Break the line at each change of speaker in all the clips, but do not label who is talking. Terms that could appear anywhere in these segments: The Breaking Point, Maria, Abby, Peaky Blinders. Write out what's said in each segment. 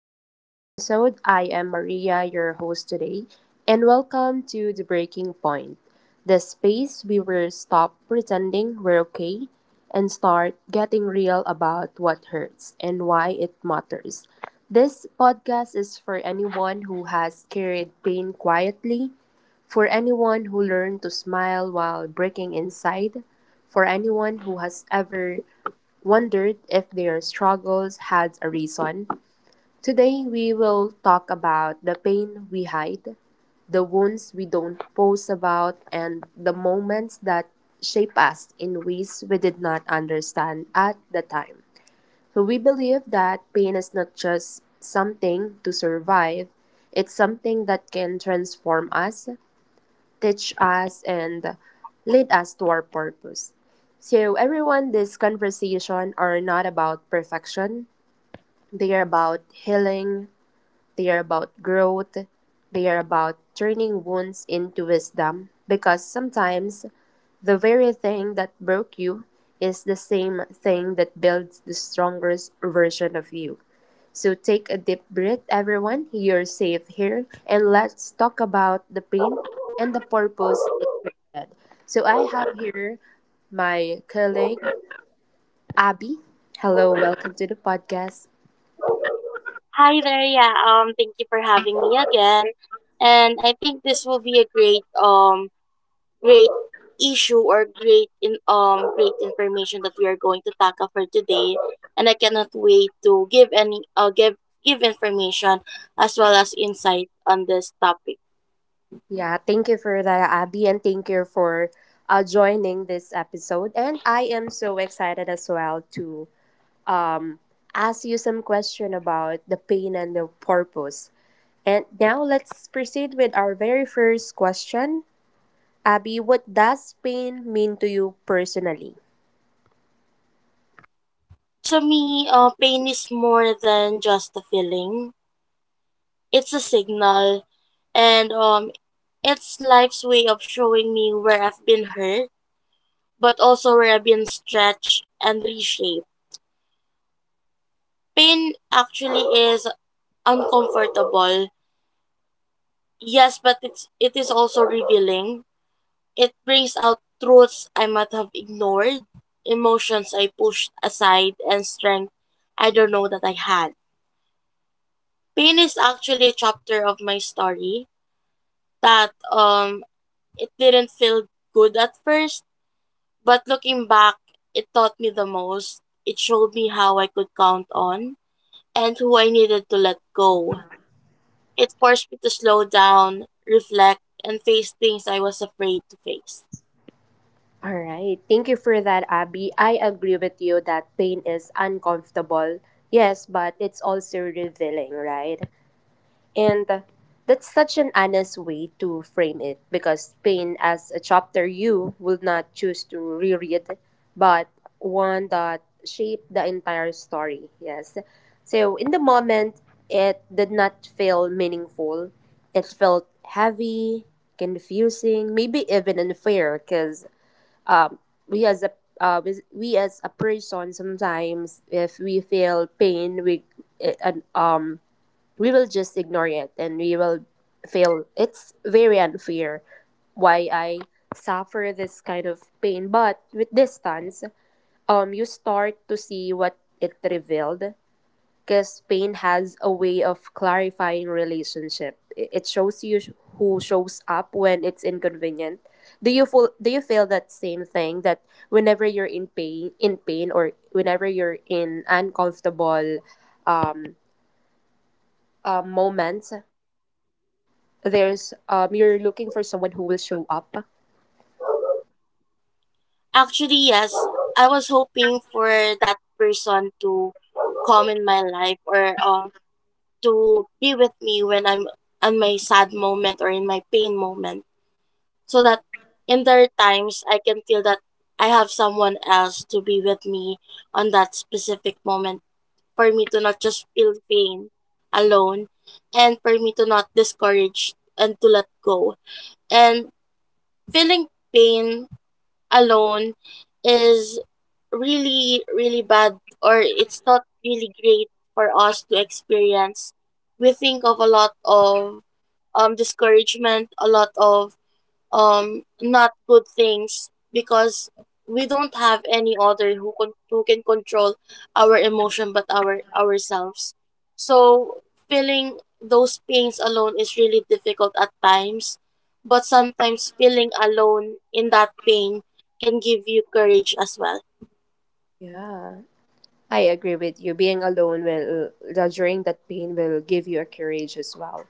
to this episode. I am Maria, your host today, and welcome to The Breaking Point, the space we will stop pretending we're okay and start getting real about what hurts and why it matters. This podcast is for anyone who has carried pain quietly, for anyone who learned to smile while breaking inside, for anyone who has ever wondered if their struggles had a reason. Today, we will talk about the pain we hide, the wounds we don't post about, and the moments that shape us in ways we did not understand at the time. So we believe that pain is not just something to survive, it's something that can transform us, teach us, and lead us to our purpose. So, everyone, this conversation are not about perfection. They are about healing. They are about growth. They are about turning wounds into wisdom. Because sometimes the very thing that broke you is the same thing that builds the strongest version of you. So take a deep breath, everyone. You're safe here. And let's talk about the pain and the purpose. So I have here my colleague Abby. Hello, welcome to the podcast.
Hi there. Yeah, thank you for having me again. And I think this will be a great great issue or great information that we are going to tackle for today. And I cannot wait to give any give information as well as insight on this topic.
Yeah, thank you for that, Abby, and thank you for joining this episode. And I am so excited as well to um, ask you some question about the pain and the purpose. And now let's proceed with our very first question. Abby, what does pain mean to you personally?
To me, pain is more than just a feeling. It's a signal and it's life's way of showing me where I've been hurt but also where I've been stretched and reshaped. Pain actually is uncomfortable, yes, but it is also revealing. It brings out truths I might have ignored, emotions I pushed aside, and strength I don't know that I had. Pain is actually a chapter of my story that it didn't feel good at first, but looking back, it taught me the most. It showed me how I could count on and who I needed to let go. It forced me to slow down, reflect, and face things I was afraid to face.
All right. Thank you for that, Abby. I agree with you that pain is uncomfortable. Yes, but it's also revealing, right? And that's such an honest way to frame it because pain as a chapter you will not choose to reread, but one that shaped the entire story. Yes. So in the moment, it did not feel meaningful. It felt heavy, confusing, maybe even unfair because, um, we as a we as a person sometimes if we feel pain we eh, and we will just ignore it and we will feel it's very unfair why I suffer this kind of pain. But with distance, you start to see what it revealed, because pain has a way of clarifying relationship. It shows you who shows up when it's inconvenient. Do you feel that same thing, that whenever you're in pain or whenever you're in uncomfortable moments, there's you're looking for someone who will show up?
Actually, yes, I was hoping for that person to come in my life or to be with me when I'm on my sad moment or in my pain moment so that in their times I can feel that I have someone else to be with me on that specific moment for me to not just feel pain alone and for me to not discourage and to let go. And feeling pain alone is really, really bad or it's not really great for us to experience. We think of a lot of discouragement, a lot of not good things because we don't have any other who can control our emotion but our ourselves, so feeling those pains alone is really difficult at times, but sometimes feeling alone in that pain can give you courage as well.
Yeah. I agree with you. Being alone during that pain will give you a courage as well.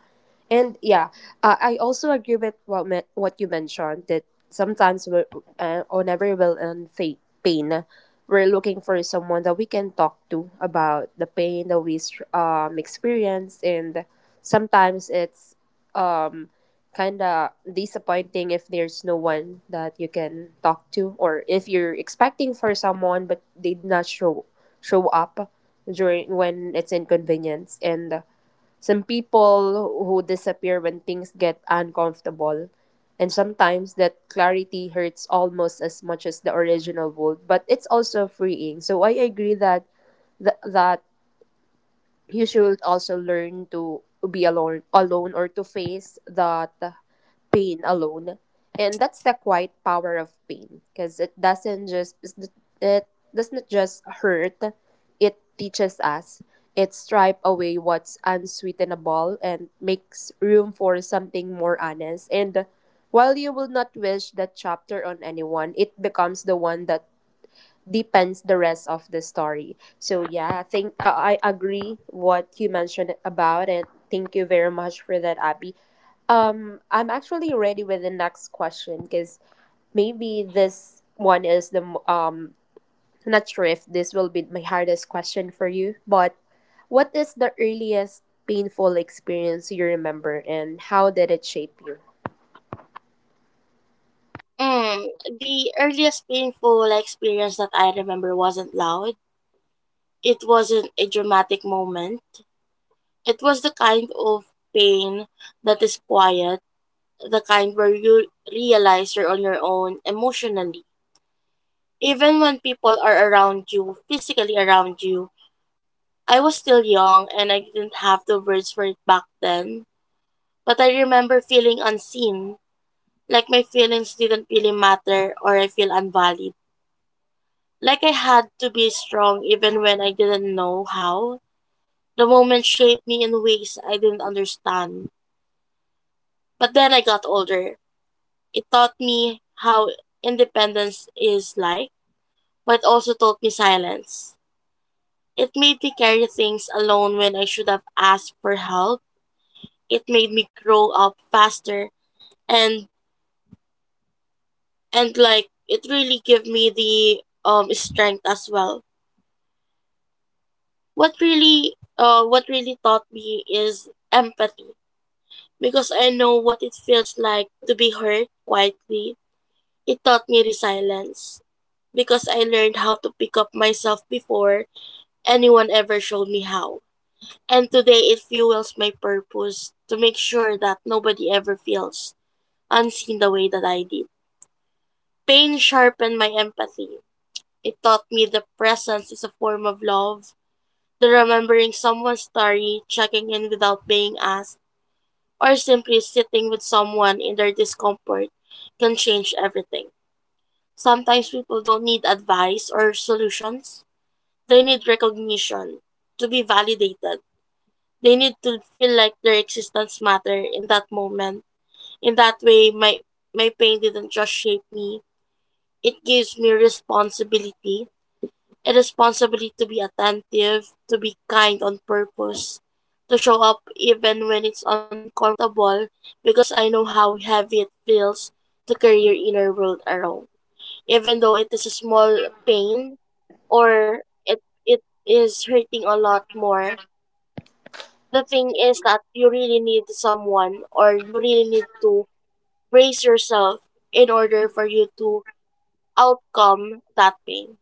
And yeah, I also agree with what you mentioned that sometimes we, whenever we're in pain, we're looking for someone that we can talk to about the pain that we experience, and sometimes it's um kind of disappointing if there's no one that you can talk to, or if you're expecting for someone but they did not show up during when it's inconvenience. And some people who disappear when things get uncomfortable, and sometimes that clarity hurts almost as much as the original would, but it's also freeing. So I agree that that you should also learn to be alone or to face that pain alone. And that's the quiet power of pain, because it doesn't just hurt, it teaches us. It stripe away what's unsweetenable and makes room for something more honest. And while you will not wish that chapter on anyone, it becomes the one that deepens the rest of the story. So yeah, I agree what you mentioned about it. Thank you very much for that, Abby. I'm actually ready with the next question because maybe this one is the not sure if this will be my hardest question for you, but what is the earliest painful experience you remember and how did it shape you?
mm, the earliest painful experience that I remember wasn't loud. It wasn't a dramatic moment. It was the kind of pain that is quiet, the kind where you realize you're on your own emotionally. Even when people are around you, physically around you, I was still young and I didn't have the words for it back then. But I remember feeling unseen, like my feelings didn't really matter or I feel unvalued. Like I had to be strong even when I didn't know how. The moment shaped me in ways I didn't understand. But then I got older. It taught me how independence is like but also taught me silence. It made me carry things alone when I should have asked for help. It made me grow up faster and like it really gave me the strength as well. What really taught me is empathy because I know what it feels like to be hurt quietly. It taught me resilience because I learned how to pick up myself before anyone ever showed me how. And today it fuels my purpose to make sure that nobody ever feels unseen the way that I did. Pain sharpened my empathy. It taught me that presence is a form of love. The remembering someone's story, checking in without being asked, or simply sitting with someone in their discomfort can change everything. Sometimes people don't need advice or solutions. They need recognition, to be validated. They need to feel like their existence matter in that moment. In that way, my pain didn't just shape me. It gives me responsibility. A responsibility to be attentive, to be kind on purpose, to show up even when it's uncomfortable because I know how heavy it feels to carry your inner world around. Even though it is a small pain or it is hurting a lot more, the thing is that you really need someone or you really need to brace yourself in order for you to outcome that pain.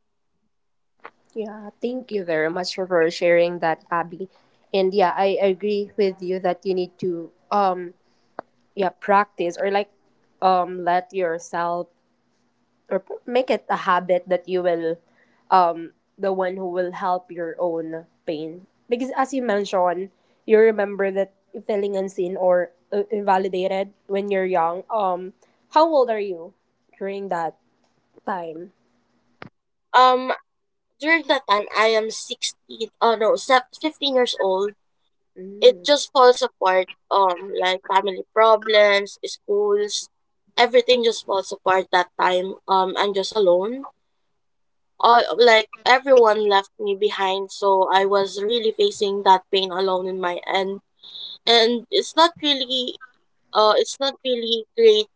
Yeah, thank you very much for sharing that, Abby. And yeah, I agree with you that you need to, yeah, practice, or like let yourself, or make it a habit that you will, the one who will help your own pain, because as you mentioned, you remember that feeling unseen or invalidated when you're young. How old are you during that time?
Um, during that time, I am 16, oh no, 15 years old. It
Mm.
just falls apart, like family problems, schools, everything just falls apart that time. I'm just alone. All, like everyone left me behind, so I was really facing that pain alone in my end and it's not really great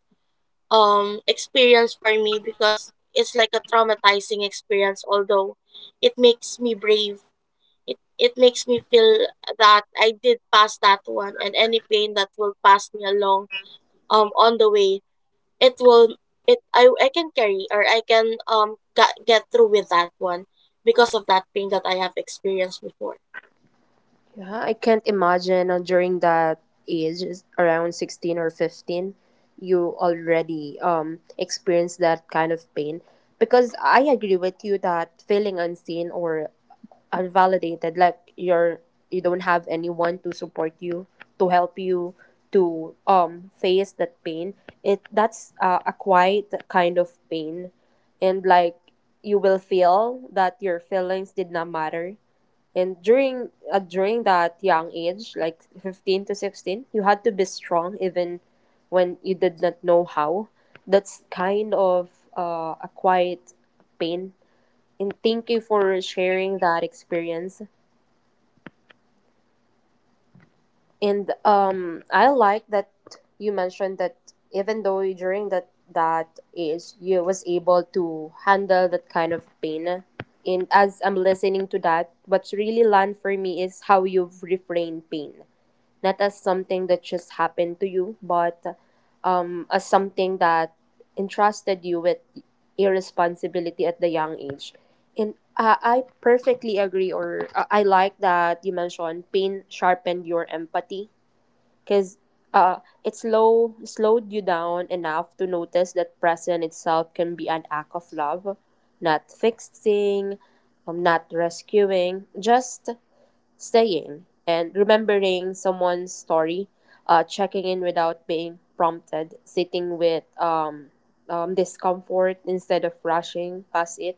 experience for me because it's like a traumatizing experience, although it makes me brave. It makes me feel that I did pass that one and any pain that will pass me along on the way it will I can carry or I can get through with that one because of that pain that I have experienced before.
Yeah, I can't imagine, during that age, is around 16 or 15, you already experienced that kind of pain. Because I agree with you that feeling unseen or are validated, like you're, you don't have anyone to support you, to help you to face that pain, it that's a quiet kind of pain. And like you will feel that your feelings did not matter, and during during that young age like 15 to 16, you had to be strong even when you did not know how. That's kind of a quiet pain. And thank you for sharing that experience. And I like that you mentioned that even though during that age you was able to handle that kind of pain. And as I'm listening to that, what's really learned for me is how you've reframed pain. Not as something that just happened to you, but as something that entrusted you with irresponsibility at the young age. And I perfectly agree, or I like that you mentioned pain sharpened your empathy, because uh, slowed you down enough to notice that present itself can be an act of love, not fixing, not rescuing, just staying and remembering someone's story, checking in without being prompted, sitting with discomfort instead of rushing past it.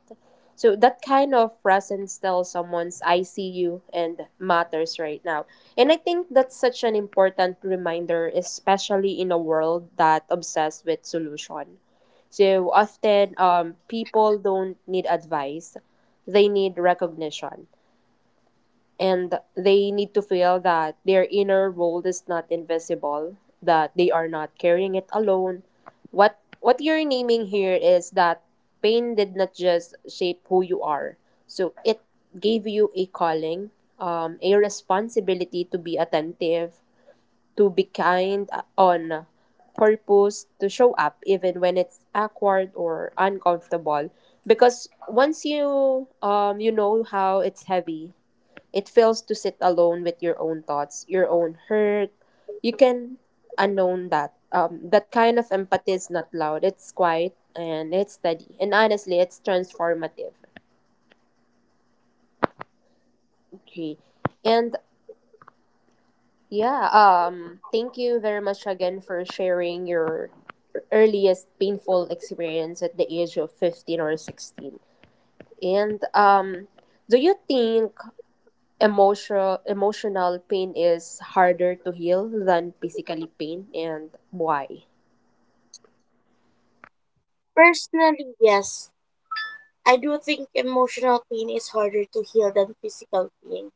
So that kind of presence tells someone's I see you and matters right now. And I think that's such an important reminder, especially in a world that obsessed with solution. So often, people don't need advice, they need recognition, and they need to feel that their inner world is not invisible, that they are not carrying it alone. What you're naming here is that pain did not just shape who you are. So it gave you a calling, a responsibility to be attentive, to be kind on purpose, to show up even when it's awkward or uncomfortable. Because once you, you know how it's heavy, it fails to sit alone with your own thoughts, your own hurt. You can unknown that. That kind of empathy is not loud. It's quiet and it's steady. And honestly, it's transformative. Okay. And yeah, thank you very much again for sharing your earliest painful experience at the age of 15 or 16. And do you think emotional pain is harder to heal than physically pain, and why?
Personally, yes, I do think emotional pain is harder to heal than physical pain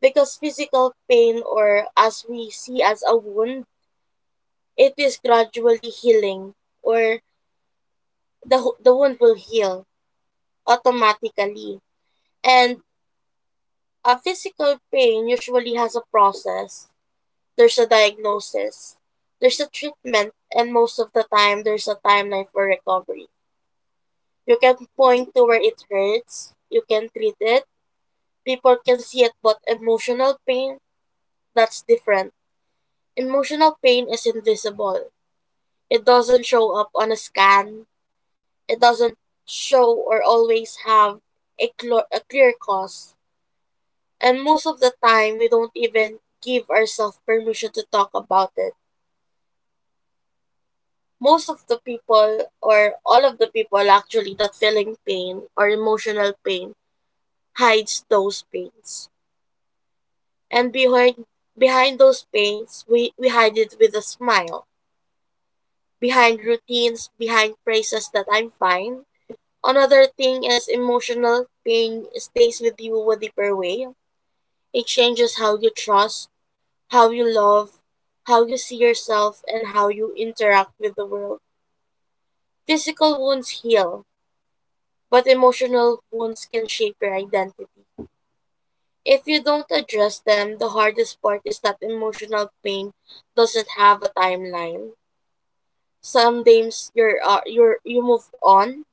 because physical pain, or as we see as a wound, it is gradually healing, or the wound will heal automatically. And a physical pain usually has a process. There's a diagnosis, there's a treatment, and most of the time there's a timeline for recovery. You can point to where it hurts, you can treat it, people can see it. But emotional pain, that's different. Emotional pain is invisible. It doesn't show up on a scan. It doesn't show or always have a clear cause. And most of the time, we don't even give ourselves permission to talk about it. Most of the people, or all of the people actually, that feeling pain or emotional pain, hides those pains. And behind those pains, we hide it with a smile. Behind routines, behind phrases that I'm fine. Another thing is emotional pain stays with you a deeper way. It changes how you trust, how you love, how you see yourself, and how you interact with the world. Physical wounds heal, but emotional wounds can shape your identity. If you don't address them, the hardest part is that emotional pain doesn't have a timeline. Some days you're you move on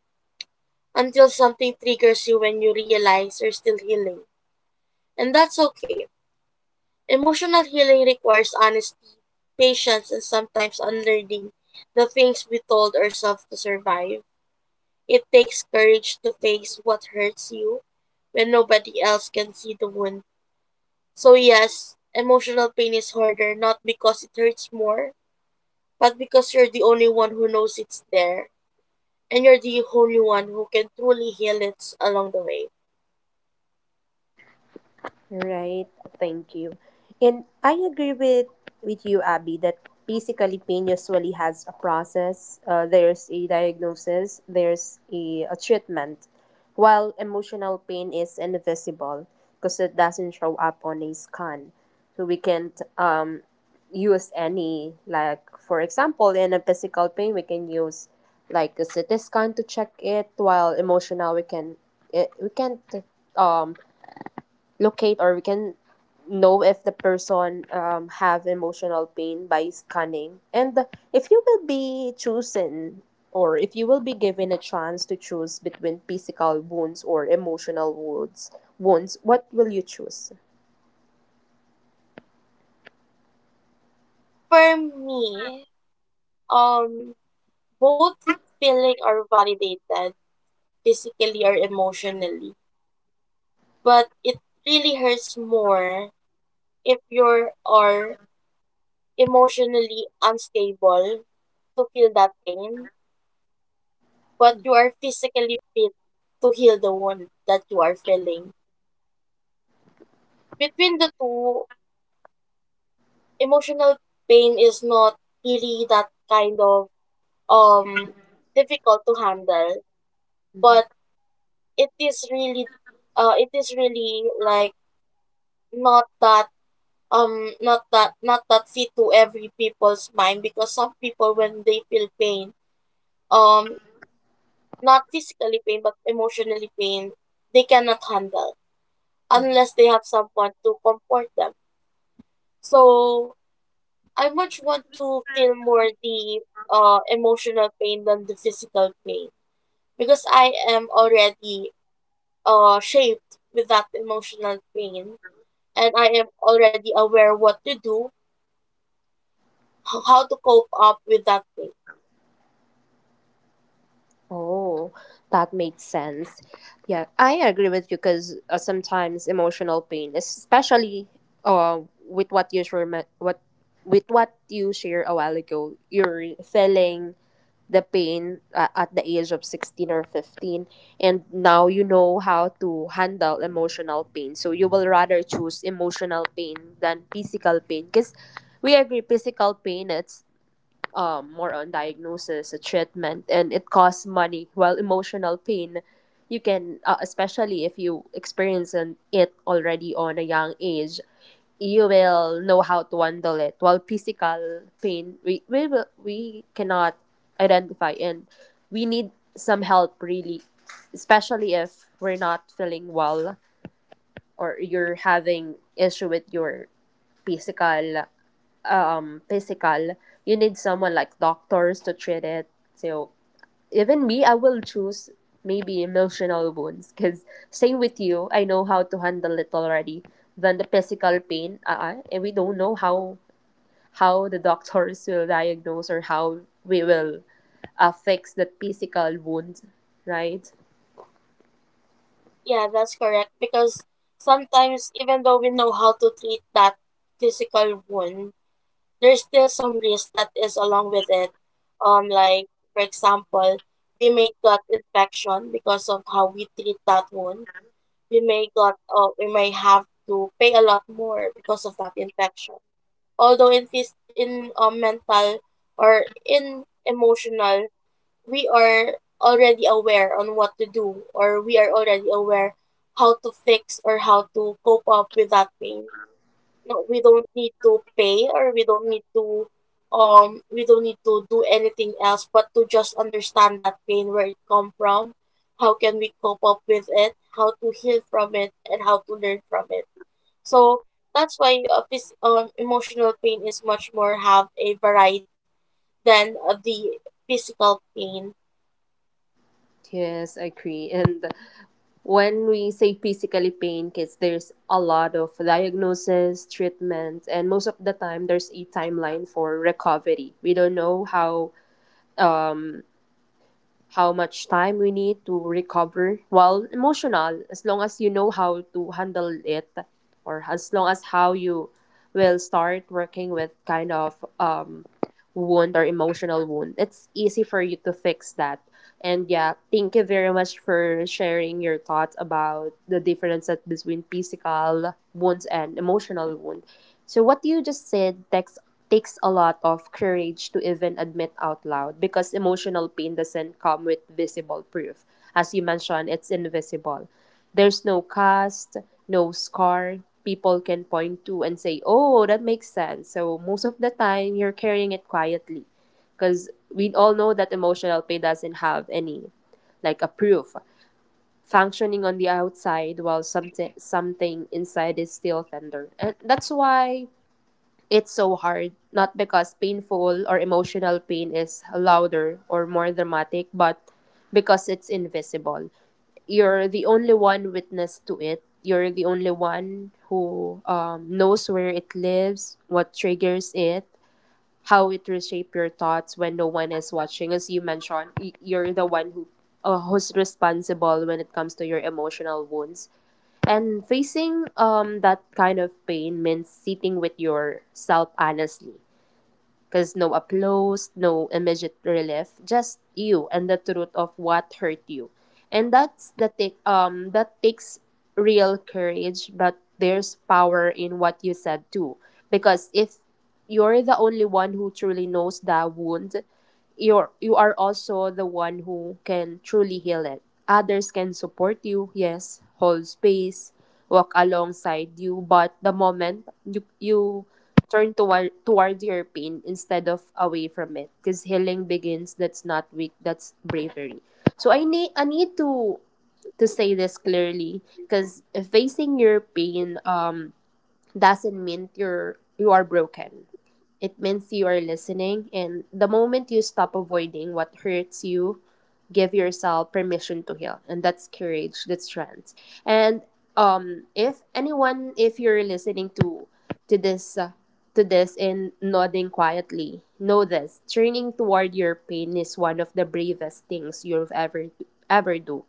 until something triggers you when you realize you're still healing, and that's okay. Emotional healing requires honesty, patience, and sometimes unlearning the things we told ourselves to survive. It takes courage to face what hurts you when nobody else can see the wound. So, yes, emotional pain is harder not because it hurts more, but because you're the only one who knows it's there, and you're the only one who can truly heal it along the way.
Right, thank you. And I agree with you, Abby, that basically pain usually has a process. There's a diagnosis, there's a treatment, while emotional pain is invisible because it doesn't show up on a scan. So we can't, use any, like, for example, in a physical pain, we can use like a CT scan to check it, while emotional, we can, it, we can't um locate, or we can know if the person have emotional pain by scanning. And if you will be chosen, or if you will be given a chance to choose between physical wounds or emotional wounds, what will you choose?
For me, um, both feeling are validated, physically or emotionally. But it really hurts more if you're are emotionally unstable to feel that pain, but you are physically fit to heal the wound that you are feeling. Between the two, emotional pain is not really that kind of um difficult to handle,
Mhm.
but it is really it is really like not that not that fit to every people's mind because some people when they feel pain, um not physically pain but emotionally pain, they cannot handle unless they have someone to comfort them. So I much want to feel more the emotional pain than the physical pain because I am already shaped with that emotional pain and I am already aware what to do, how to cope up with that pain.
Oh, that makes sense. Yeah, I agree with you because sometimes emotional pain, especially uh, with what you share, me- what with what you share a while ago, you're feeling the pain at the age of 16 or 15, and now you know how to handle emotional pain, so you will rather choose emotional pain than physical pain. Because we agree physical pain it's more on diagnosis, a treatment, and it costs money. While emotional pain, you can, especially if you experience an, it already on a young age, you will know how to handle it. While physical pain, we cannot identify, and we need some help really, especially if we're not feeling well, or you're having issue with your physical, um, physical, you need someone like doctors to treat it. So even me, I will choose maybe emotional wounds because same with you, I know how to handle it already. Than the physical pain, and we don't know how the doctors will diagnose, or how we will fix the physical wound, right?
Yeah, that's correct. Because sometimes, even though we know how to treat that physical wound, there's still some risk that is along with it. Like for example, we may got infection because of how we treat that wound. We may we may have to pay a lot more because of that infection. Although in mental or in emotional, we are already aware on what to do, or we are already aware how to fix or how to cope up with that pain. No, we don't need to pay or we don't need to we don't need to do anything else but to just understand that pain, where it come from, how can we cope up with it, how to heal from it, and how to learn from it. So that's why, emotional pain is much more have a variety than the physical pain.
Yes, I agree. And when we say physically pain kids, there's a lot of diagnosis, treatment, and most of the time there's a timeline for recovery. We don't know how much time we need to recover. Well, emotional, as long as you know how to handle it, or as long as how you will start working with kind of wound or emotional wound, it's easy for you to fix that. And yeah, thank you very much for sharing your thoughts about the differences between physical wounds and emotional wound. So what you just said takes a lot of courage to even admit out loud because emotional pain doesn't come with visible proof. As you mentioned, it's invisible. There's no cast, no scar people can point to and say, oh, that makes sense. So most of the time, you're carrying it quietly because we all know that emotional pain doesn't have any, like, a proof. Functioning on the outside while something inside is still tender, and that's why it's so hard, not because painful or emotional pain is louder or more dramatic, but because it's invisible. You're the only one witness to it. You're the only one who knows where it lives, what triggers it, how it reshape your thoughts when no one is watching. As you mentioned, you're the one who who's responsible when it comes to your emotional wounds and facing that kind of pain means sitting with yourself honestly. Because no applause, no immediate relief, just you and the truth of what hurt you. And that's the take that takes real courage, but there's power in what you said too. Because if you're the only one who truly knows that wound, you are also the one who can truly heal it. Others can support you, yes, hold space, walk alongside you, but the moment you turn towards your pain instead of away from it, because healing begins. That's not weak, that's bravery. So I need to say this clearly because facing your pain doesn't mean you are broken. It means you are listening, and the moment you stop avoiding what hurts you, give yourself permission to heal. And that's courage, that's strength. And if anyone, if you're listening to this uh, to this and nodding quietly, know this: turning toward your pain is one of the bravest things you've ever do.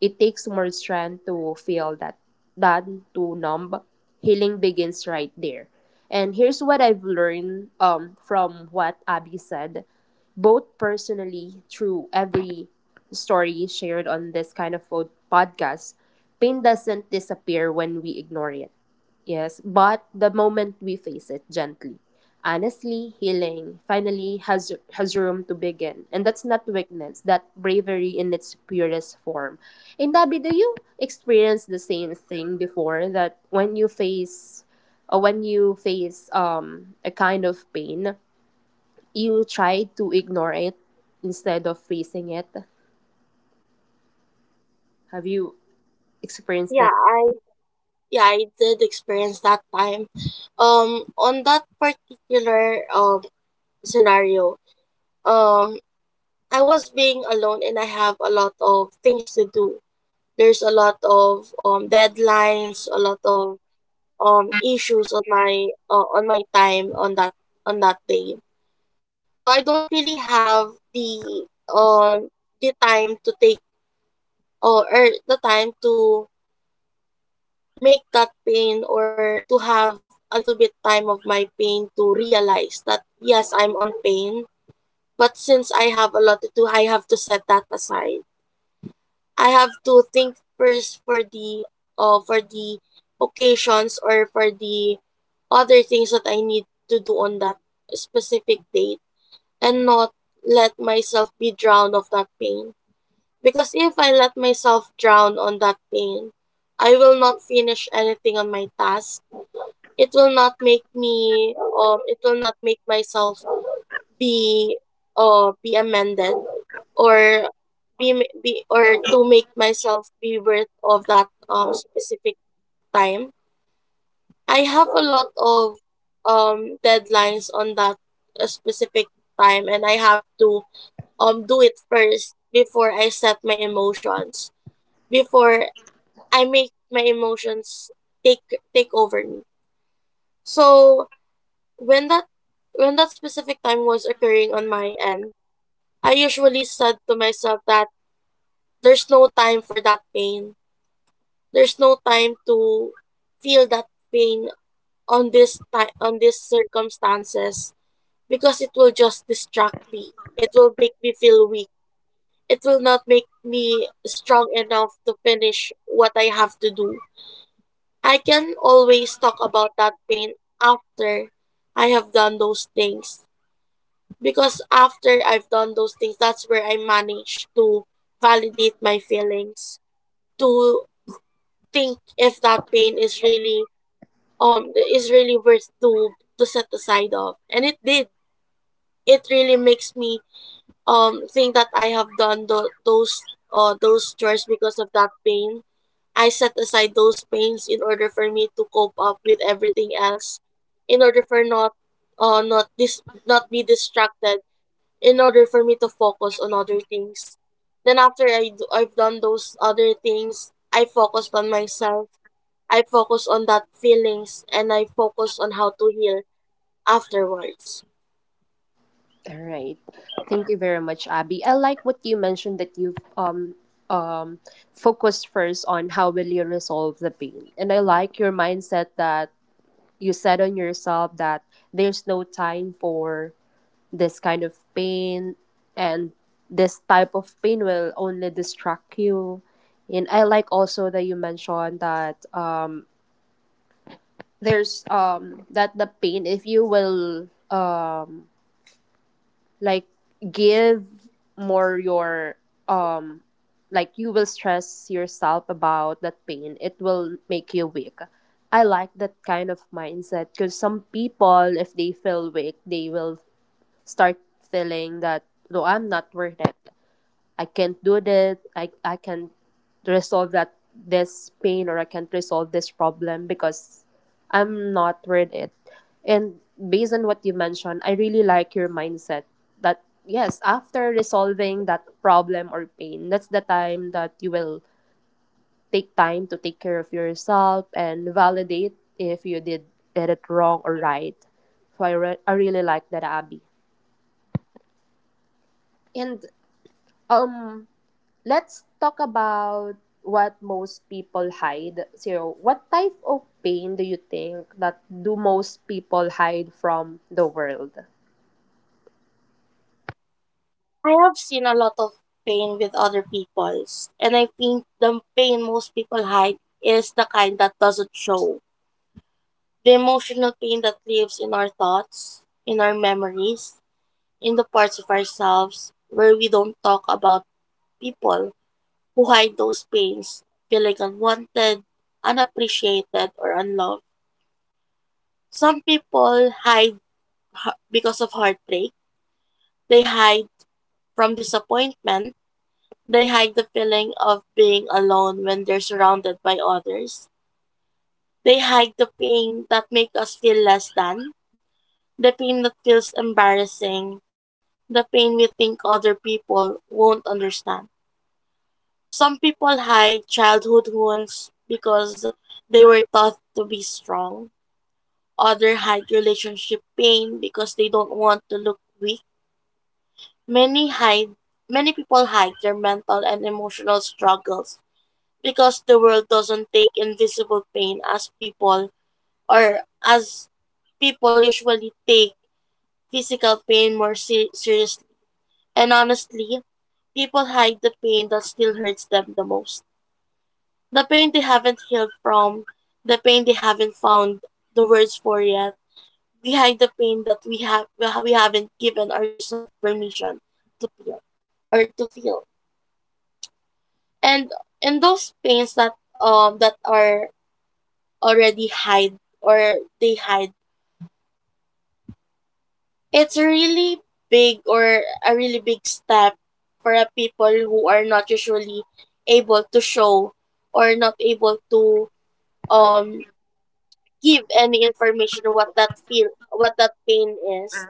It takes more strength to feel that than to numb. Healing begins right there. And here's what I've learned, from what Abby said, both personally through every story shared on this kind of podcast. Pain doesn't disappear when we ignore it. Yes, but the moment we face it gently, honestly, healing finally has room to begin, and that's not weakness, that bravery in its purest form. And Debbie, do you experience the same thing before that when you face a kind of pain, you try to ignore it instead of facing it? Have you experienced
yeah
that?
I. yeah, I did experience that time. On that particular scenario, um, I was being alone and I have a lot of things to do. There's a lot of deadlines, a lot of issues on my time on that day. So I don't really have um the time to take or the time to make that pain or to have a little bit time of my pain to realize that yes, I'm on pain, but since I have a lot to do I have to set that aside. I have to think first for the occasions or for the other things that I need to do on that specific date, and not let myself be drowned of that pain, because if I let myself drown on that pain I will not finish anything on my task. It will not make me it will not make myself be be amended or be, be, or to make myself be worth of that specific time. I have a lot of deadlines on that specific time, and I have to do it first before I set my emotions, before I make my emotions take take over me. So When that when that specific time was occurring on my end, I usually said to myself that there's no time for that pain. There's no time to feel that pain on on these circumstances, because it will just distract me. It will make me feel weak. It will not make me strong enough to finish what I have to do. I can always talk about that pain after I have done those things, because after I've done those things, that's where I manage to validate my feelings, to think if that pain is really worth to set aside of, and it did. It really makes me think that I have done those chores because of that pain. I set aside those pains in order for me to cope up with everything else, in order for not not this not be distracted, in order for me to focus on other things. Then after I've done those other things, I focused on myself. I focused on that feelings and I focused on how to heal afterwards.
All right. Thank you very much, Abby. I like what you mentioned that you've um focused first on how will you resolve the pain. And I like your mindset that you said on yourself that there's no time for this kind of pain, and this type of pain will only distract you. And I like also that you mentioned that there's that the pain, if you will, like give more your um like, you will stress yourself about that pain, it will make you weak. I like that kind of mindset because some people, if they feel weak, they will start feeling that no, I'm not worth it. I can't do that. I can't resolve that this pain, or I can't resolve this problem because I'm not worth it. And based on what you mentioned, I really like your mindset that yes, after resolving that problem or pain, that's the time that you will take time to take care of yourself and validate if you did it wrong or right. So I, I really like that, Abby. And um let's talk about what most people hide. So, what type of pain do you think that do most people hide from the world?
I have seen a lot of pain with other people's, and I think the pain most people hide is the kind that doesn't show. The emotional pain that lives in our thoughts, in our memories, in the parts of ourselves where we don't talk about. People who hide those pains feel like unwanted, unappreciated, or unloved. Some people hide because of heartbreak. They hide from disappointment. They hide the feeling of being alone when they're surrounded by others. They hide the pain that make us feel less than, the pain that feels embarrassing, the pain we think other people won't understand. Some people hide childhood wounds because they were taught to be strong. Other hide relationship pain because they don't want to look weak. Many hide Many people hide their mental and emotional struggles because the world doesn't take invisible pain as people or as people usually take physical pain more seriously. And honestly, people hide the pain that still hurts them the most. The pain they haven't healed from, the pain they haven't found the words for yet, behind the pain that we haven't given ourselves permission to feel or to feel and and those pains that that are already hide or they hide, it's a really big step for a people who are not usually able to show or not able to um give any information of what that pain is,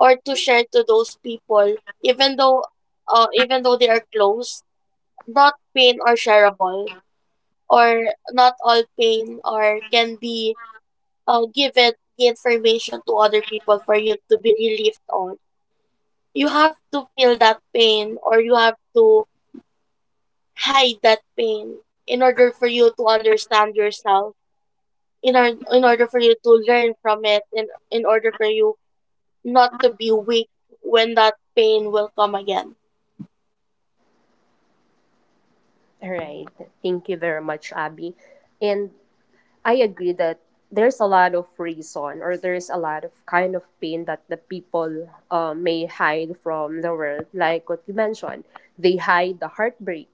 or to share to those people, even though even though they are close. Not pain are shareable, or not all pain or can be given the information to other people for you to be relieved on. You have to feel that pain or you have to hide that pain in order for you to understand yourself, in order for you to learn from it, and in order for you not to be weak when that pain will come again.
All right. Thank you very much, Abby. And I agree that there's a lot of reason, or there's a lot of kind of pain that the people may hide from the world. Like what you mentioned, they hide the heartbreak.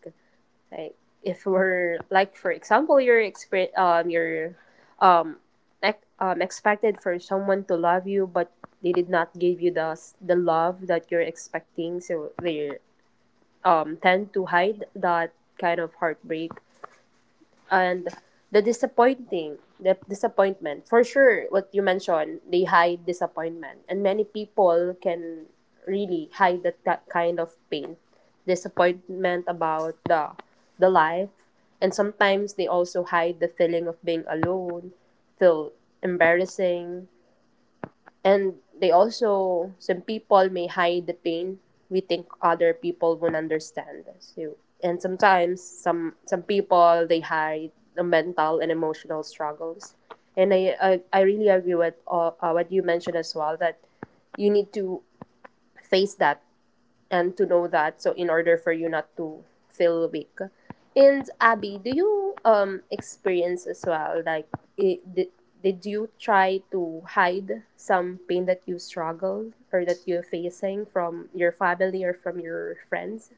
Like, if we're like, for example, you're you're expected for someone to love you, but they did not give you the the love that you're expecting. So they tend to hide that kind of heartbreak. And the disappointment, for sure. What you mentioned, they hide disappointment, and many people can really hide that kind of pain, disappointment about the life, and sometimes they also hide the feeling of being alone, feel embarrassing, and they also, some people may hide the pain we think other people won't understand. So, and sometimes some people they hide the mental and emotional struggles. And I really agree with what you mentioned as well that you need to face that and to know that, so in order for you not to feel weak. And Abby, do you experience as well, like I did you try to hide some pain that you struggled or that you're facing from your family or from your friends?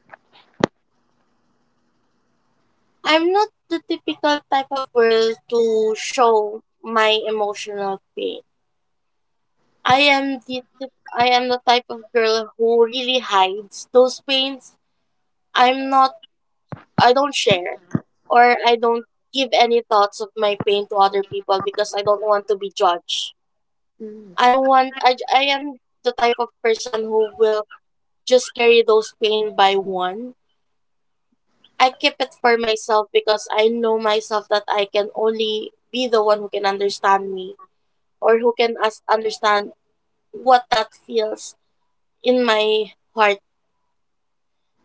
I'm not the typical type of girl to show my emotional pain. I am the tip, I am the type of girl who really hides those pains. I'm not I don't share or I don't give any thoughts of my pain to other people because I don't want to be judged.
Mm.
I want I, j- I am the type of person who will just carry those pain by one. I keep it for myself because I know myself that I can only be the one who can understand me or who can us understand what that feels in my heart.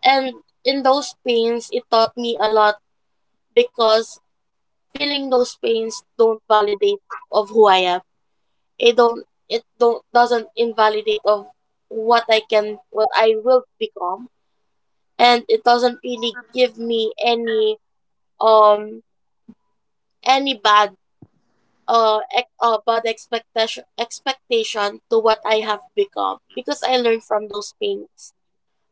And in those pains, it taught me a lot, because feeling those pains don't validate of who I am. It don't doesn't invalidate of what I will become, and it doesn't really give me um any bad bad expectation to what I have become, because I learn from those pains.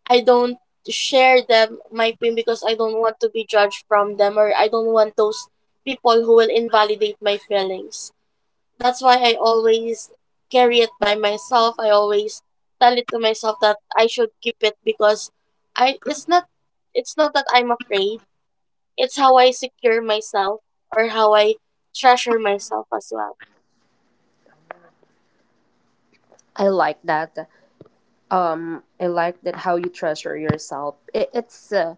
I don't share them my pain because I don't want to be judged from them, or I don't want those people who will invalidate my feelings. That's why I always carry it by myself. I always tell it to myself that I should keep it because I it's not that I'm afraid. It's how I secure myself or how I treasure myself as well.
I like that. I like that how you treasure yourself. It, it's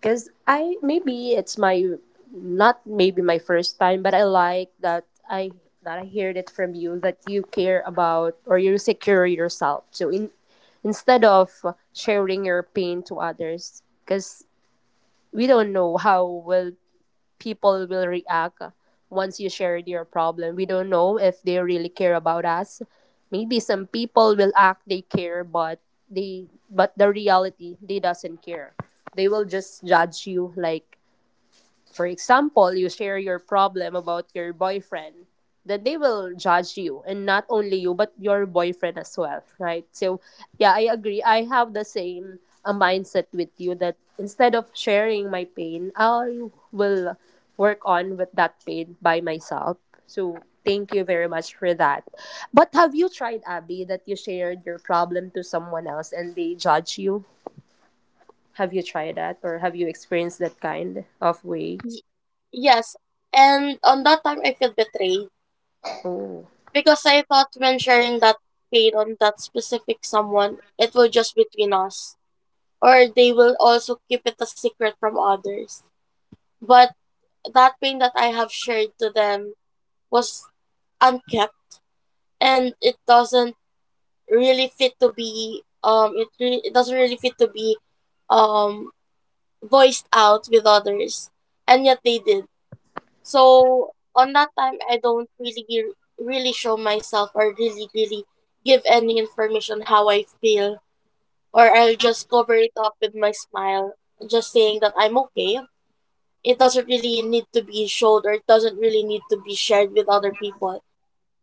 because I, maybe it's my not maybe my first time, but I like that I heard it from you that you care about, or you secure yourself. So in, instead of sharing your pain to others, because we don't know how will people will react once you shared your problem. We don't know if they really care about us. Maybe some people will act they care, but they, but the reality they doesn't care. They will just judge you, like for example, you share your problem about your boyfriend, then they will judge you, and not only you, but your boyfriend as well, right? So, yeah, I agree. I have the same a mindset with you that instead of sharing my pain, I will work on with that pain by myself. So, thank you very much for that. But have you tried, Abby, that you shared your problem to someone else and they judge you? Have you tried that or have you experienced that kind of way?
Yes, and on that time I feel betrayed,
Oh.
because I thought when sharing that pain on that specific someone, it will just between us, or they will also keep it a secret from others. But that pain that I have shared to them was unkept, and it doesn't really fit to be it doesn't really fit to be um voiced out with others, and yet they did. So on that time, I don't really really show myself or really give any information how I feel, or I'll just cover it up with my smile, just saying that I'm okay. It doesn't really need to be showed, or it doesn't really need to be shared with other people,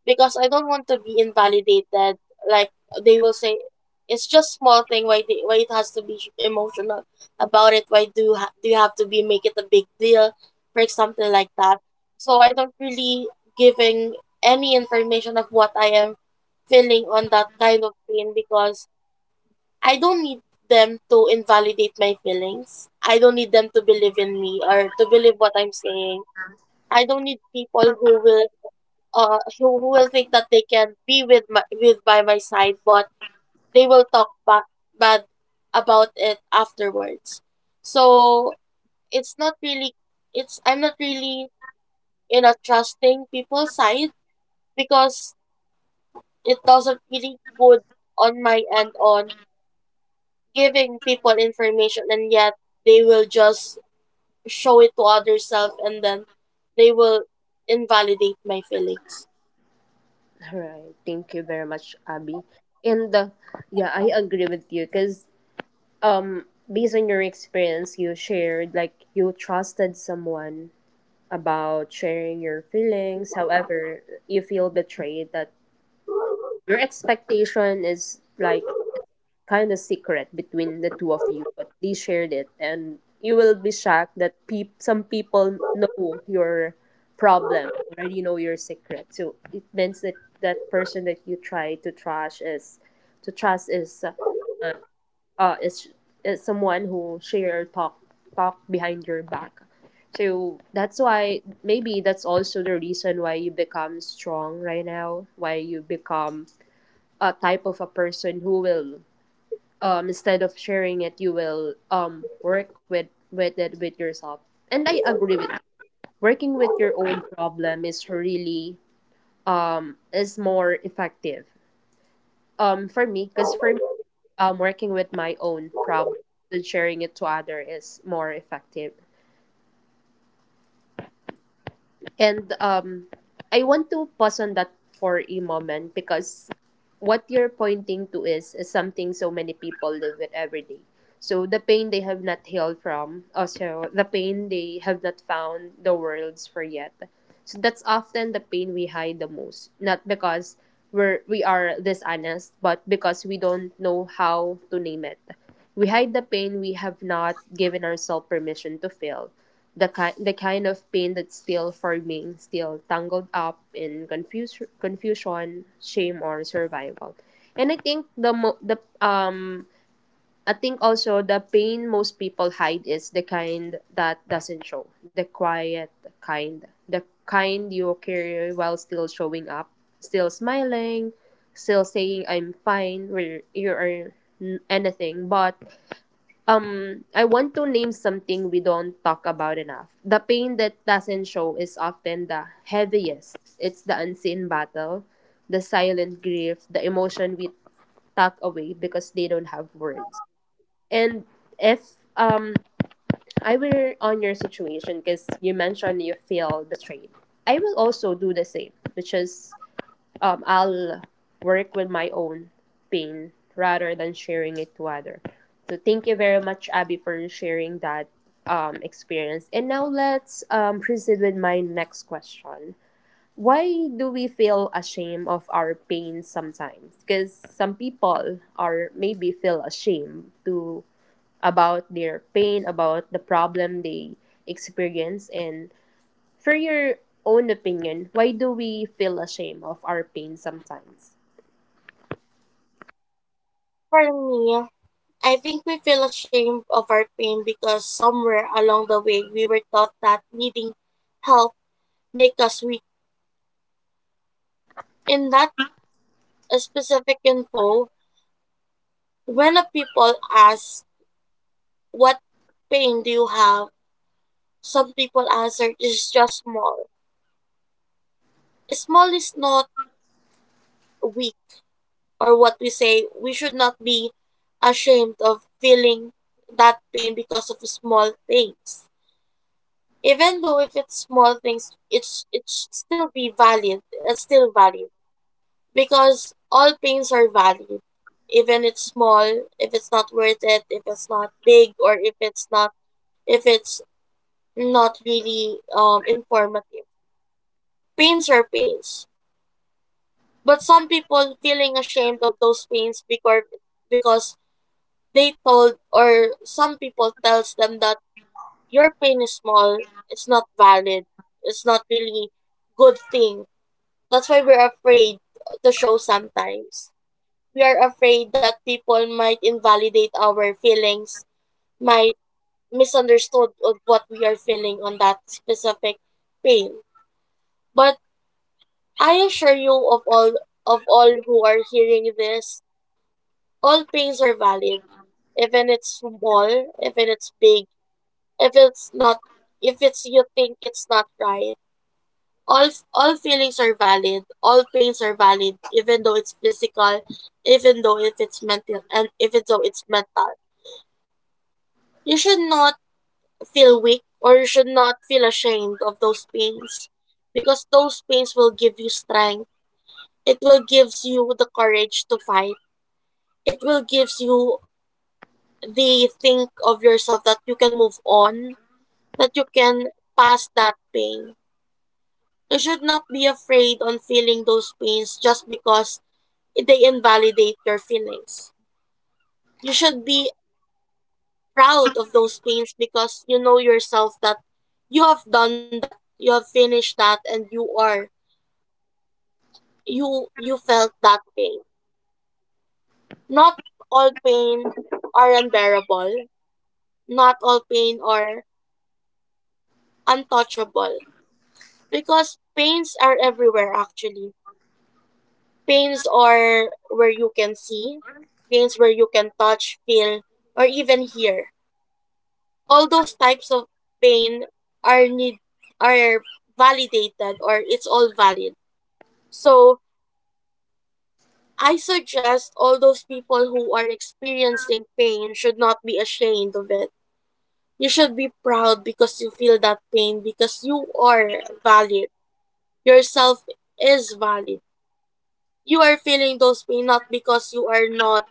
because I don't want to be invalidated. Like they will say, it's just small thing. Why it has to be emotional about it? Why do you do you have to be make it a big deal for something like that? So I don't really giving any information of what I am feeling on that kind of pain, because I don't need them to invalidate my feelings. I don't need them to believe in me or to believe what I'm saying. I don't need people who will who will think that they can be with by my side, but they will talk bad about it afterwards. So it's not really it's I'm not really in a trusting people's side, because it doesn't really good on my end on giving people information, and yet they will just show it to other self, and then they will invalidate my feelings.
All right. Thank you very much, Abby. And yeah, I agree with you because um, based on your experience, you shared like you trusted someone about sharing your feelings. However, you feel betrayed that your expectation is like kind of secret between the two of you, but they shared it, and you will be shocked that some people know your problem, already know your secret. So it means that that person that you try to trust is to trust is uh, uh is is someone who share talk talk behind your back. So that's why maybe that's also the reason why you become strong right now, why you become a type of a person who will, instead of sharing it, you will work with it with yourself. And I agree with you, working with your own problem is really is more effective, for me, because for me, working with my own problem than sharing it to other is more effective. And I want to pause on that for a moment because what you're pointing to is something so many people live with every day. So the pain they have not healed from, also the pain they have not found the words for yet. So that's often the pain we hide the most, not because we are dishonest, but because we don't know how to name it. We hide the pain we have not given ourselves permission to feel, the kind of pain that's still forming, still tangled up in confuse confusion, shame, or survival. And I think the mo- the I think also the pain most people hide is the kind that doesn't show, the quiet kind, the kind you carry while still showing up, still smiling, still saying I'm fine, where you are anything, but I want to name something we don't talk about enough. The pain that doesn't show is often the heaviest. It's the unseen battle, the silent grief, the emotion we tuck away because they don't have words. And if I were on your situation, because you mentioned you feel betrayed, I will also do the same, which is, I'll work with my own pain rather than sharing it to other. So thank you very much, Abby, for sharing that experience. And now let's proceed with my next question. Why do we feel ashamed of our pain sometimes? Because some people are maybe feel ashamed to about their pain, about the problem they experience. And for your own opinion, why do we feel ashamed of our pain sometimes?
For me, I think we feel ashamed of our pain because somewhere along the way we were taught that needing help make us weak. In that specific info, when a people ask, what pain do you have? Some people answer, it's just small. Small is not weak, or what we say. We should not be ashamed of feeling that pain because of small things. Even though if it's small things, it should still be valid. It's still valid, because all pains are valid, even it's small. If it's not worth it, if it's not big, or if it's not, if it's not really informative, pains are pains. But some people feeling ashamed of those pains because because they told, or some people tells them that your pain is small, it's not valid, it's not really good thing. That's why we're afraid to show sometimes. We are afraid that people might invalidate our feelings, might misunderstood of what we are feeling on that specific pain. But I assure you of all who are hearing this, all pains are valid. Even it's small, even it's big, if it's not, if it's you think it's not right, all feelings are valid, all pains are valid, even though it's physical, even though if it's mental, and even though it's mental, you should not feel weak or you should not feel ashamed of those pains, because those pains will give you strength. It will gives you the courage to fight. It will gives you the think of yourself that you can move on, that you can pass that pain. You should not be afraid on feeling those pains just because they invalidate your feelings. You should be proud of those pains because you know yourself that you have done that, you have finished that, and you you felt that pain. Not all pain are unbearable. Not all pain are untouchable, because pains are everywhere actually. Pains are where you can see, pains where you can touch, feel, or even hear. All those types of pain are need are validated, or it's all valid. So I suggest all those people who are experiencing pain should not be ashamed of it. You should be proud because you feel that pain, because you are valid. Yourself is valid. You are feeling those pain not because you are not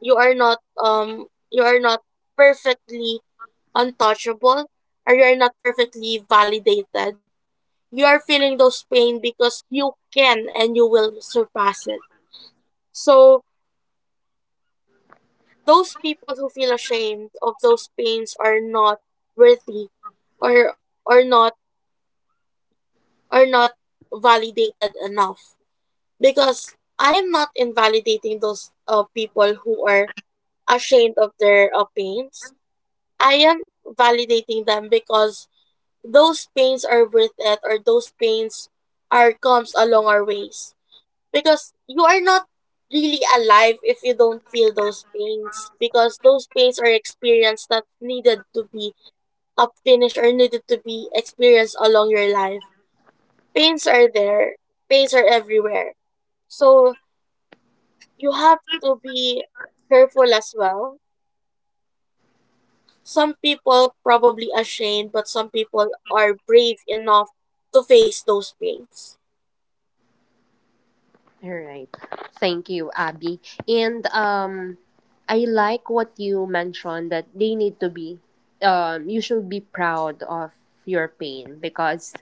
you are not perfectly untouchable, or you are not perfectly validated. You are feeling those pain because you can and you will surpass it. So those people who feel ashamed of those pains are not worthy, or or not are not validated enough, because I am not invalidating those people who are ashamed of their pains. I am validating them because those pains are worth it, or those pains are comes along our ways. Because you are not really alive if you don't feel those pains, because those pains are experienced that needed to be up finished or needed to be experienced along your life. Pains are there. Pains are everywhere. So you have to be careful as well. Some people probably ashamed, but some people are brave enough to face those pains.
All right. Thank you, Abby. And I like what you mentioned that they need to be, you should be proud of your pain because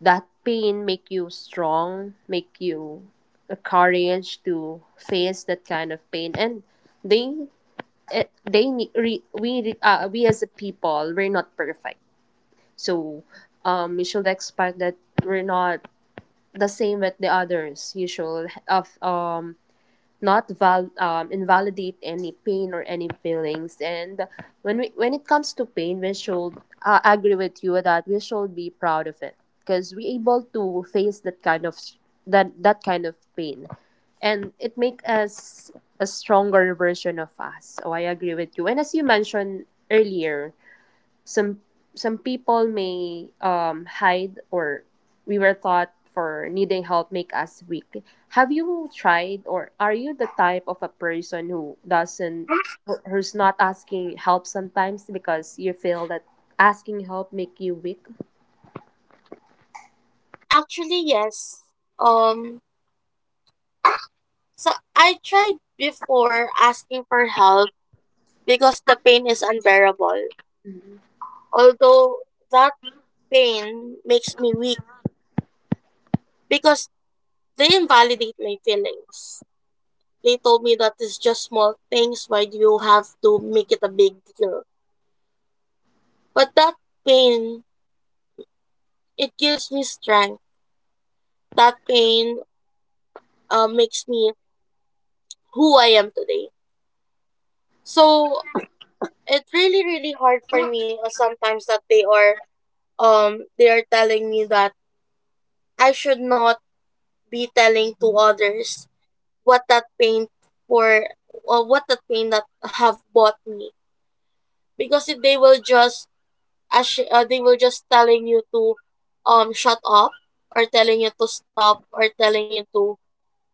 that pain make you strong, make you the courage to face that kind of pain. And they, eh, they ne- re, we as a people we're not perfect, so you should expect that we're not the same with the others. You should of not invalidate any pain or any feelings. And when it comes to pain, we should agree with you that we should be proud of it because we able to face that kind of that kind of pain, and it make us a stronger version of us. So I agree with you. And as you mentioned earlier, some some people may hide or we were taught for needing help make us weak. Have you tried or are you the type of a person who doesn't who's not asking help sometimes because you feel that asking help make you weak?
Actually, yes. Um, so I tried before asking for help, because the pain is unbearable.
Mhm.
Although that pain makes me weak, because they invalidate my feelings. They told me that it's just small things, why do you have to make it a big deal? But that pain, it gives me strength. That pain makes me who I am today. So it's really, really hard for me sometimes that they are they are telling me that I should not be telling to others what that pain for, or what that pain that have bought me, because they will just as they will just telling you to shut up, or telling you to stop, or telling you to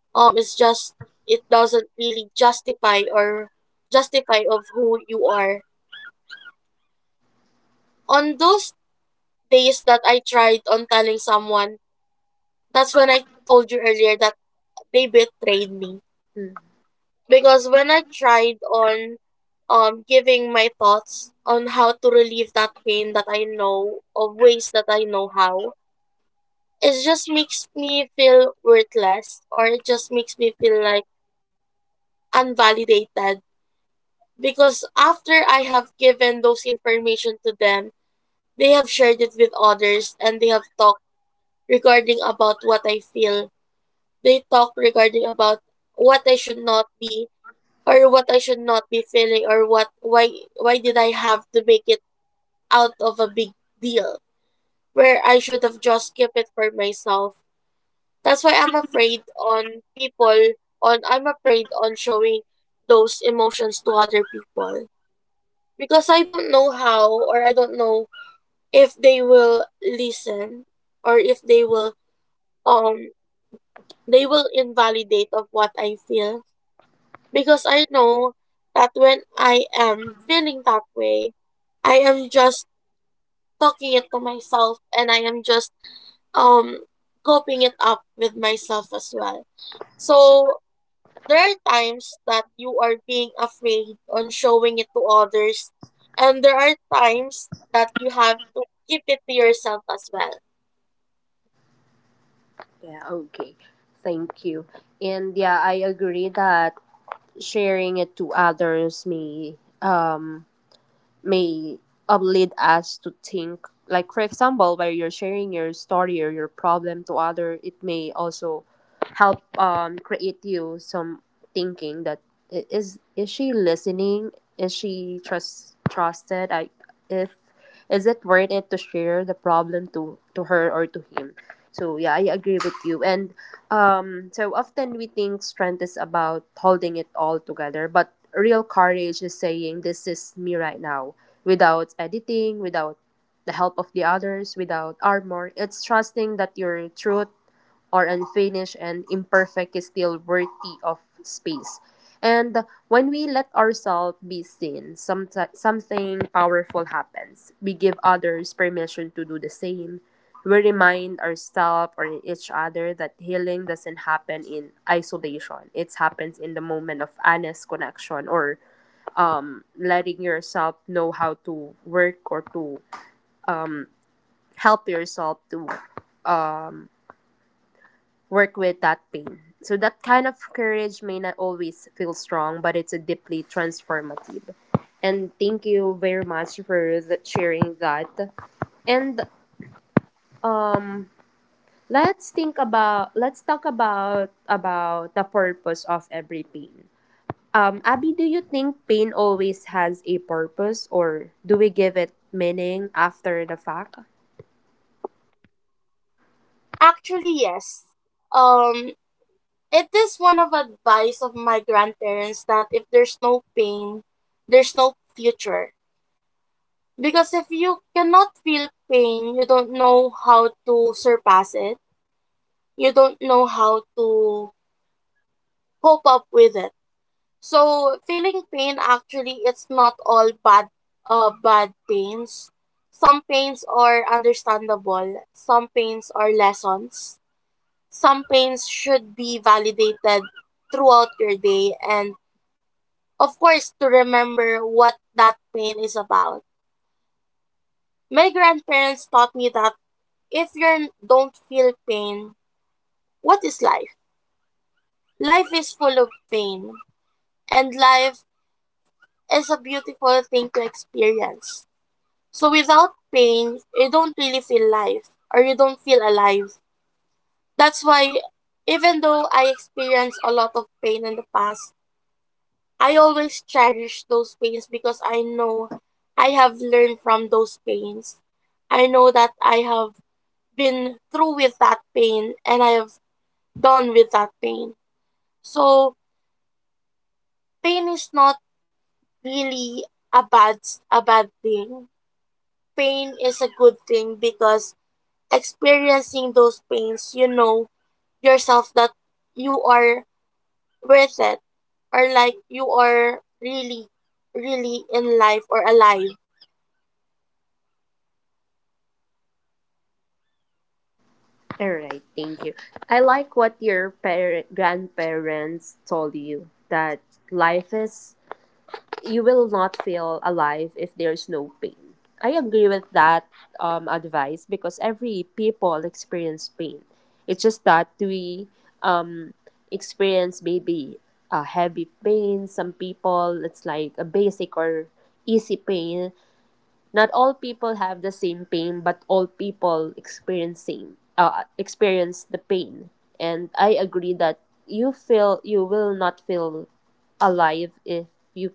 it's just, it doesn't really justify, or justify of who you are. On those days that I tried on telling someone, that's when I told you earlier that they betrayed me,
Mm,
because when I tried on giving my thoughts on how to relieve that pain that I know of ways that I know how, it just makes me feel worthless, or it just makes me feel like unvalidated, because after I have given those information to them, they have shared it with others and they have talked regarding about what I feel. They talk regarding about what I should not be, or what I should not be feeling, or what, why did I have to make it out of a big deal, where I should have just kept it for myself. That's why I'm afraid on people, on I'm afraid on showing those emotions to other people, because I don't know how, or I don't know if they will listen, or if they will um they will invalidate of what I feel, because I know that when I am feeling that way, I am just talking it to myself, and I am just um coping it up with myself as well. So there are times that you are being afraid on showing it to others, and there are times that you have to keep it to yourself as well.
yeah, okay, thank you. And yeah, I agree that sharing it to others may um may lead us to think like, for example, where you're sharing your story or your problem to other, it may also help create you some thinking that is she listening, is she trusted, I if is it worth it to share the problem to her or to him. So yeah, I agree with you. And so often we think strength is about holding it all together, but real courage is saying this is me right now, without editing, without the help of the others, without armor. It's trusting that your truth or unfinished and imperfect is still worthy of space. And when we let ourselves be seen, something powerful happens. We give others permission to do the same. We remind ourselves or each other that healing doesn't happen in isolation. It happens in the moment of honest connection or letting yourself know how to work or to help yourself to um, work with that pain. So that kind of courage may not always feel strong, but it's a deeply transformative. And thank you very much for sharing that. And um, let's talk about the purpose of every pain. Abby, do you think pain always has a purpose, or do we give it meaning after the fact?
Actually, yes. Um, it is one of advice of my grandparents that if there's no pain, there's no future. Because if you cannot feel pain, you don't know how to surpass it. You don't know how to cope up with it. So feeling pain actually, it's not all bad bad pains. Some pains are understandable, some pains are lessons. Some pains should be validated throughout your day, and of course, to remember what that pain is about. My grandparents taught me that if you don't feel pain, what is life? Life is full of pain, and life is a beautiful thing to experience. So without pain, you don't really feel life, or you don't feel alive. That's why even though I experienced a lot of pain in the past, I always cherish those pains, because I know I have learned from those pains. I know that I have been through with that pain and I have done with that pain. So pain is not really a bad a bad thing. Pain is a good thing, because experiencing those pains, you know yourself that you are worth it, or like you are really, really in life or alive.
All right, thank you. I like what your grandparents told you, that life is, you will not feel alive if there's no pain. I agree with that advice because every people experience pain. It's just that we um, experience maybe a heavy pain. Some people it's like a basic or easy pain. Not all people have the same pain, but all people experience same, experience the pain. And I agree that you will not feel alive if you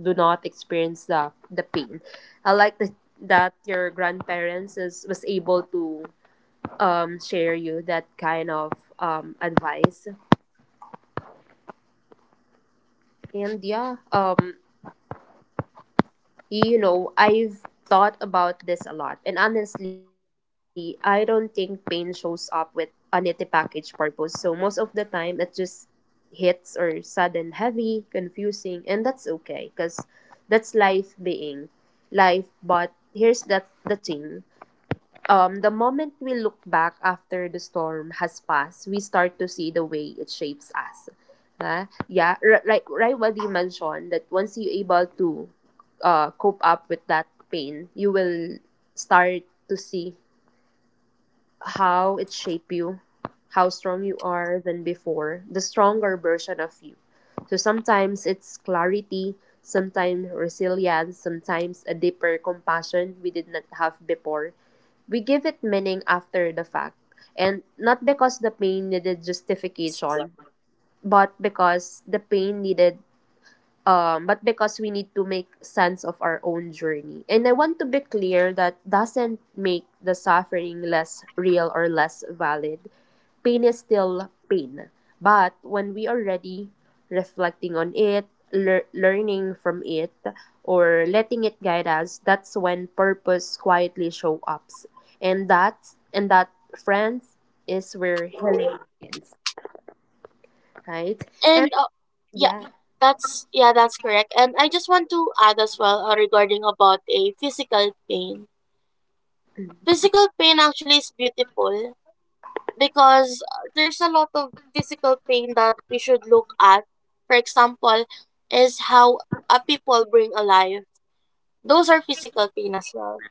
do not experience the pain. I like that your grandparents was able to share you that kind of advice. And yeah, I've thought about this a lot. And honestly, I don't think pain shows up with a knitted package purpose. So most of the time it just hits or sudden, heavy, confusing, and that's okay because that's life being life. But here's that the thing. The moment we look back after the storm has passed, we start to see the way it shapes us. Huh? Yeah, right, what you mentioned, that once you're able to cope up with that pain, you will start to see how it shaped you, how strong you are than before, the stronger version of you. So sometimes it's clarity, sometimes resilience, sometimes a deeper compassion we did not have before. We give it meaning after the fact, and not because the pain needed justification, but because the pain needed but because we need to make sense of our own journey. And I want to be clear, that doesn't make the suffering less real or less valid. Pain is still pain. But when we are ready, reflecting on it, learning from it, or letting it guide us, that's when purpose quietly show up. And that, friends, is where healing begins, right? And
And yeah,
yeah.
that's correct. And I just want to add as well regarding about a physical pain. Physical pain actually is beautiful, because there's a lot of physical pain that we should look at. For example, is how a people bring alive. Those are physical pain as well.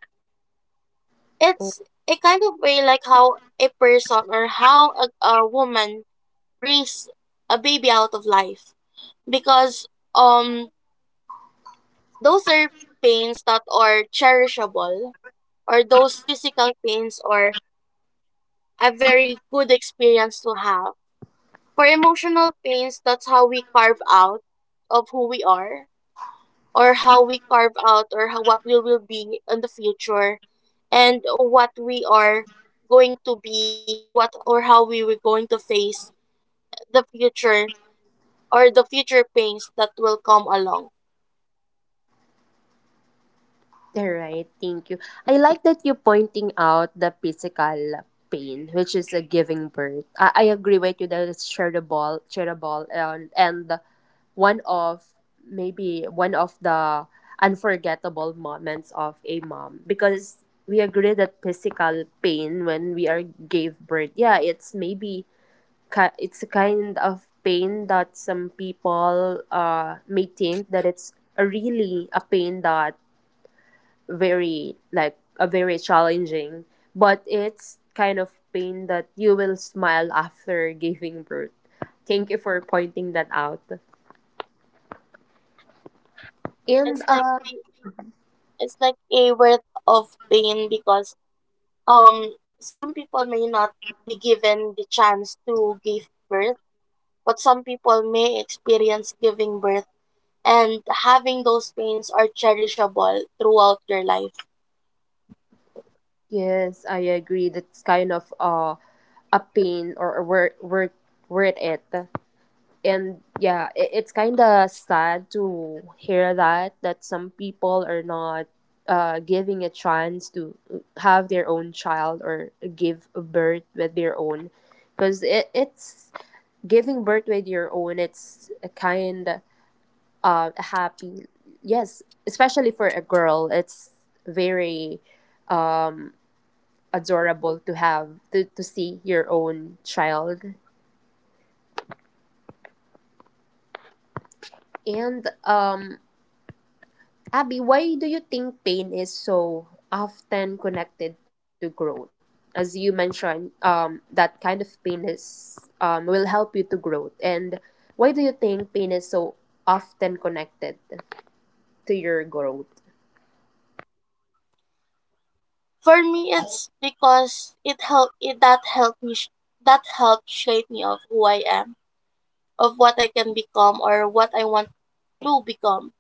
It's a kind of way like how a person, or how a woman brings a baby out of life, because um those are pains that are cherishable, or those physical pains are a very good experience to have. For emotional pains, that's how we carve out of who we are, or how we carve out, or how what we will be in the future, and what we are going to be, or what, or how we were going to face the future, or the future pains that will come along.
All right, thank you. I like that you pointing out the physical pain, which is a giving birth. I agree with you that it's shareable, and one of maybe one of the unforgettable moments of a mom, because we agree that physical pain when we are gave birth, yeah, it's maybe it's a kind of pain that some people may think that it's a really a pain that very like a very challenging, but it's kind of pain that you will smile after giving birth. Thank you for pointing that out. And
It's like it's like a worth of pain, because some people may not be given the chance to give birth, but some people may experience giving birth, and having those pains are cherishable throughout their life.
yes, I agree. That's kind of a pain or a worth it. And yeah, it's kind of sad to hear that some people are not giving a chance to have their own child or give birth with their own, because it's giving birth with your own, it's a kind happy, yes, especially for a girl, it's very um adorable to have to see your own child. And Abby, why do you think pain is so often connected to growth? As you mentioned, that kind of pain is, will help you to growth. And why do you think pain is so often connected to your growth?
For me, it's because it helped it that helped me sh- that helped shape me of who I am, of what I can become, or what I want to become.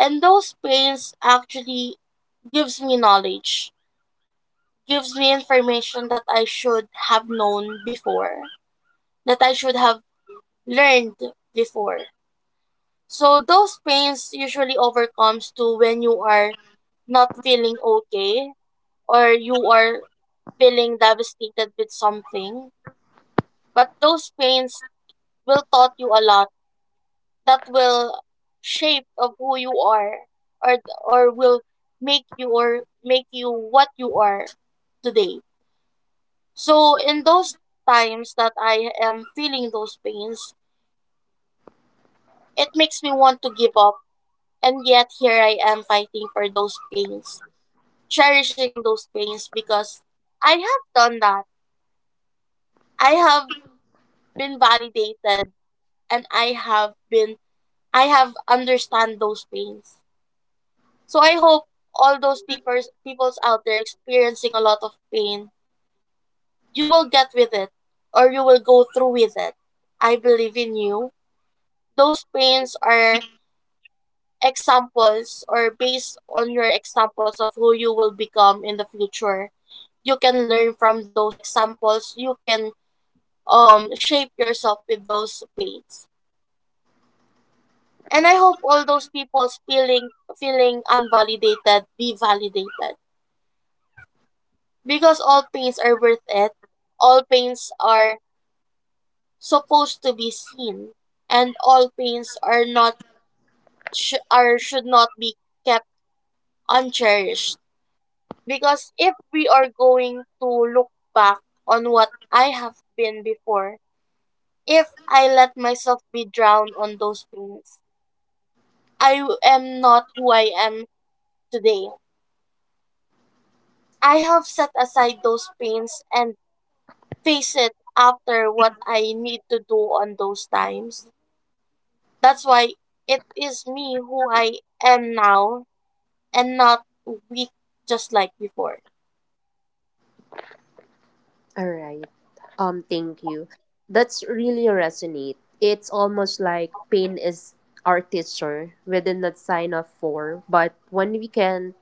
And those pains actually gives me knowledge, gives me information that I should have known before, that I should have learned before. So those pains usually overcomes to when you are not feeling okay, or you are feeling devastated with something. But those pains will taught you a lot, that will shape of who you are, or or will make you, or make you what you are today. So in those times that I am feeling those pains, it makes me want to give up. And yet here I am fighting for those pains, cherishing those pains, because I have done that. I have been validated, and I have been, I have understand those pains. So I hope all those people's peoples out there experiencing a lot of pain, you will get with it, or you will go through with it. I believe in you. Those pains are examples, or based on your examples of who you will become in the future. You can learn from those examples, you can shape yourself with those pains. And I hope all those people's feeling, feeling unvalidated be validated, because all pains are worth it, all pains are supposed to be seen, and all pains are not sh- are should not be kept uncherished, because if we are going to look back on what I have been before. If I let myself be drowned on those pains, I am not who I am today. I have set aside those pains, and face it after what I need to do on those times. That's why it is me who I am now, and not weak just like before.
All right. Thank you. That's really resonate. It's almost like pain is our teacher within that sign of four. But when we can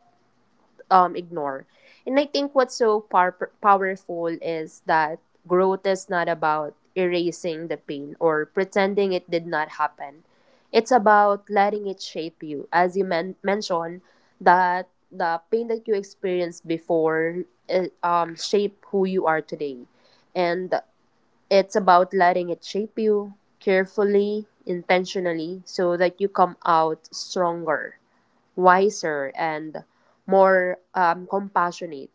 ignore. And I think what's so powerful is that growth is not about erasing the pain or pretending it did not happen. It's about letting it shape you. As you mentioned, that the pain that you experienced before shape who you are today. And it's about letting it shape you carefully, intentionally, so that you come out stronger, wiser, and more compassionate.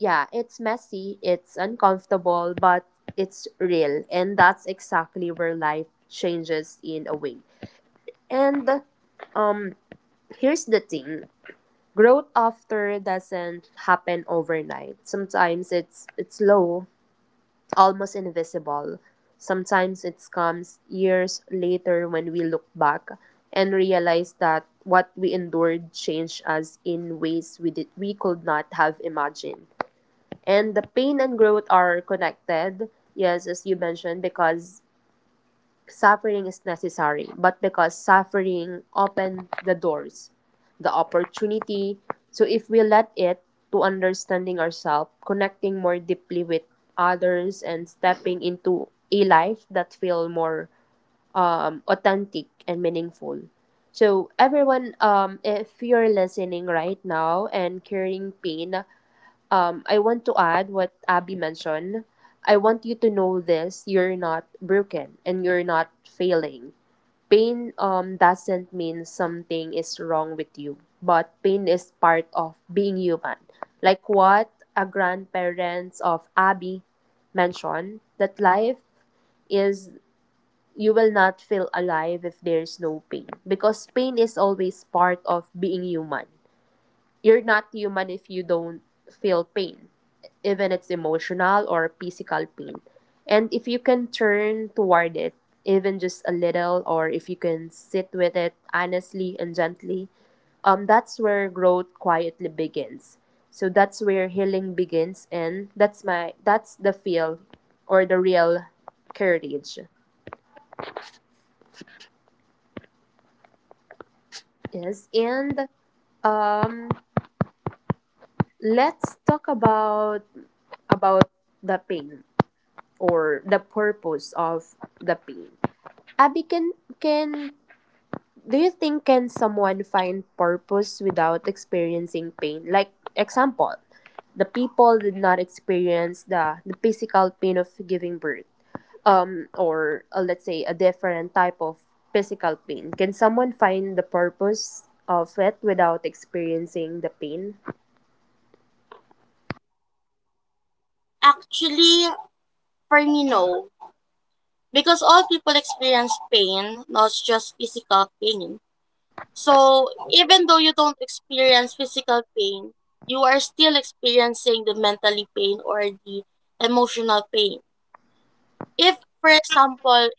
Yeah, it's messy, it's uncomfortable, but it's real. And that's exactly where life changes in a way. And um, here's the thing, growth after doesn't happen overnight. Sometimes it's slow, almost invisible. Sometimes it comes years later when we look back and realize that what we endured changed us in ways we could not have imagined. And the pain and growth are connected, yes, as you mentioned, because suffering is necessary, but because suffering opened the doors, the opportunity, so if we let it, to understanding ourselves, connecting more deeply with others, and stepping into a life that feel more authentic and meaningful. So everyone, if you're listening right now and carrying pain, I want to add what Abby mentioned. I want you to know this, you're not broken and you're not failing. Pain doesn't mean something is wrong with you, but pain is part of being human. Like what a grandparents of Abby mentioned, that life is, you will not feel alive if there's no pain, because pain is always part of being human. You're not human if you don't feel pain, even it's emotional or physical pain. And if you can turn toward it, even just a little, or if you can sit with it honestly and gently, that's where growth quietly begins. So that's where healing begins, and that's my that's the feel, or the real courage. Yes, and um, let's talk about about the pain or the purpose of the pain. Abby, can do you think, can someone find purpose without experiencing pain? Like example, the people did not experience the physical pain of giving birth, or let's say a different type of physical pain. Can someone find the purpose of it without experiencing the pain?
Actually, for me, no. Because all people experience pain, not just physical pain. So, even though you don't experience physical pain, you are still experiencing the mentally pain, or the emotional pain. If, for example,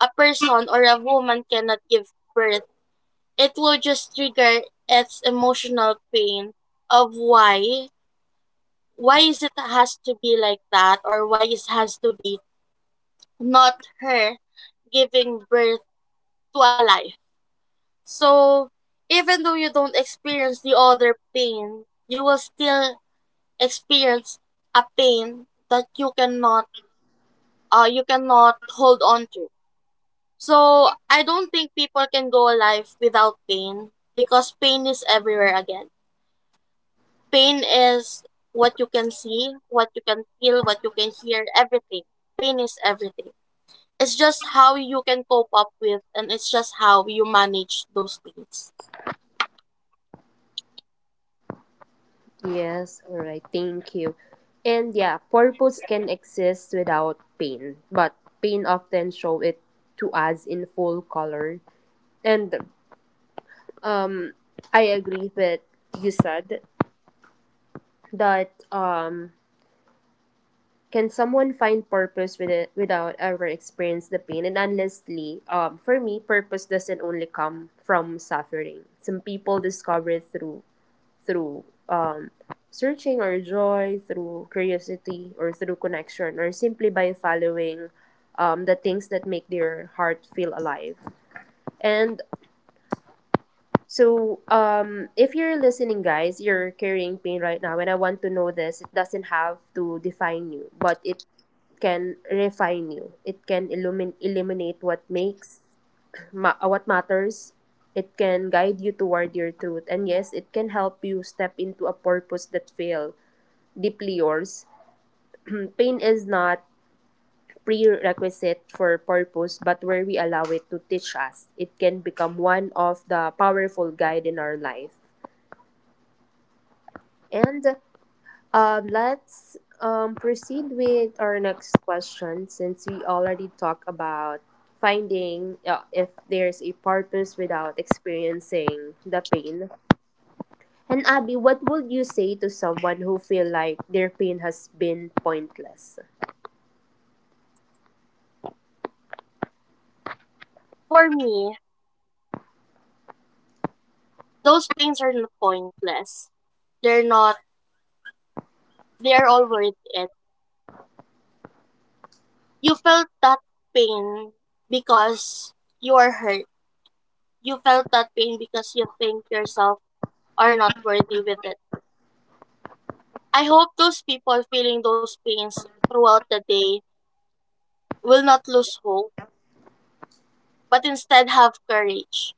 a person or a woman cannot give birth, it will just trigger its emotional pain of why is it has to be like that, or why it has to be not her giving birth to a life. So, even though you don't experience the other pain, you will still experience a pain that you cannot hold on to. So, I don't think people can go alive without pain, because pain is everywhere again. Pain is what you can see, what you can feel, what you can hear, everything. Pain is everything. It's just how you can cope up with, and it's just how you manage those things.
Yes, all right, thank you. And yeah, purpose can exist without pain, but pain often show it to us in full color. And um I agree with you said that, can someone find purpose with it without ever experience the pain? And honestly, for me, purpose doesn't only come from suffering. Some people discover it through through um, searching our joy, through curiosity, or through connection, or simply by following the things that make their heart feel alive. And so, if you're listening, guys, you're carrying pain right now, and I want to know this. It doesn't have to define you, but it can refine you. It can eliminate what makes what matters. It can guide you toward your truth, and yes, it can help you step into a purpose that feel deeply yours. Pain is not prerequisite for purpose, but where we allow it to teach us, it can become one of the powerful guide in our life. And let's proceed with our next question since we already talked about finding if there's a purpose without experiencing the pain. And Abby, what would you say to someone who feel like their pain has been pointless?
For me, those pains are not pointless. They're not, they are all worth it. You felt that pain because you are hurt. You felt that pain because you think yourself are not worthy with it. I hope those people feeling those pains throughout the day will not lose hope, but instead have courage.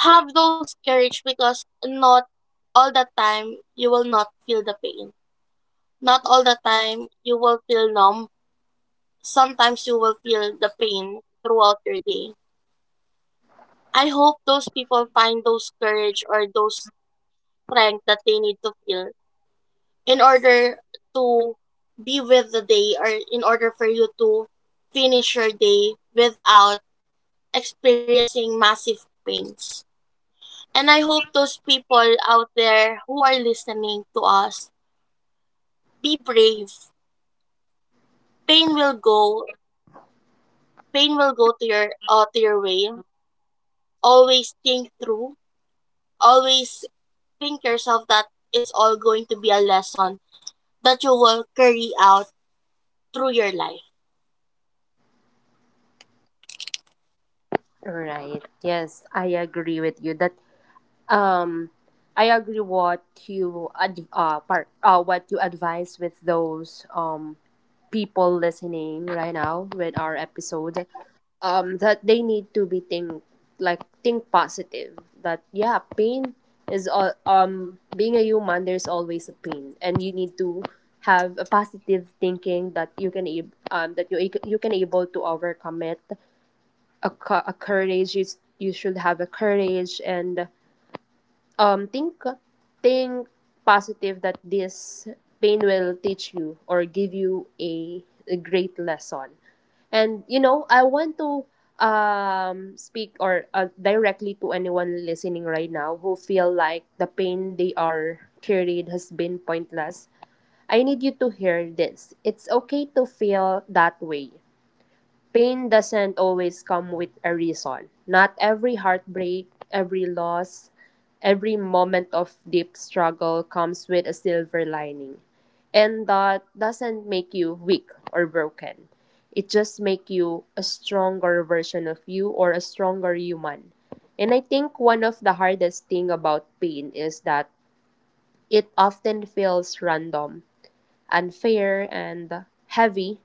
Have those courage, because not all the time you will not feel the pain. Not all the time you will feel numb. Sometimes you will feel the pain throughout your day. I hope those people find those courage, or those strength that they need to feel in order to be with the day, or in order for you to finish your day without experiencing massive pains. And I hope those people out there who are listening to us, be brave. Pain will go. Pain will go to your way. Always think through, always think yourself that it's all going to be a lesson that you will carry out through your life.
Right. Yes, I agree with you that um I agree what you advise with those people listening right now with our episode that they need to be think like think positive that yeah, pain is all being a human there's always a pain and you need to have a positive thinking that that you can able to overcome it, a courage, you should have a courage and um think think positive that this pain will teach you or give you a great lesson. And I want to speak or directly to anyone listening right now who feel like the pain they are carried has been pointless. I need you to hear this: it's okay to feel that way. Pain doesn't always come with a reason. Not every heartbreak, every loss, every moment of deep struggle comes with a silver lining. And that doesn't make you weak or broken. It just makes you a stronger version of you or a stronger human. And I think one of the hardest thing about pain is that it often feels random, unfair, and heavy,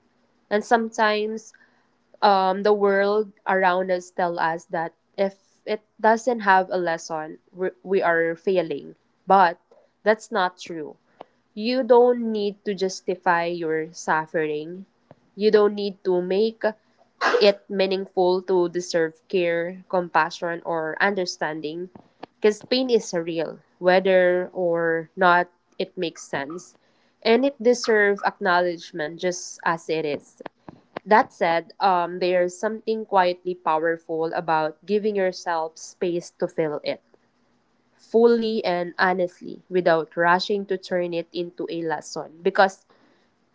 and sometimes the world around us tell us that if it doesn't have a lesson, we are failing. But that's not true. You don't need to justify your suffering. You don't need to make it meaningful to deserve care, compassion, or understanding. Because pain is real, whether or not it makes sense. And it deserves acknowledgement just as it is. That said, there's something quietly powerful about giving yourself space to feel it fully and honestly without rushing to turn it into a lesson, because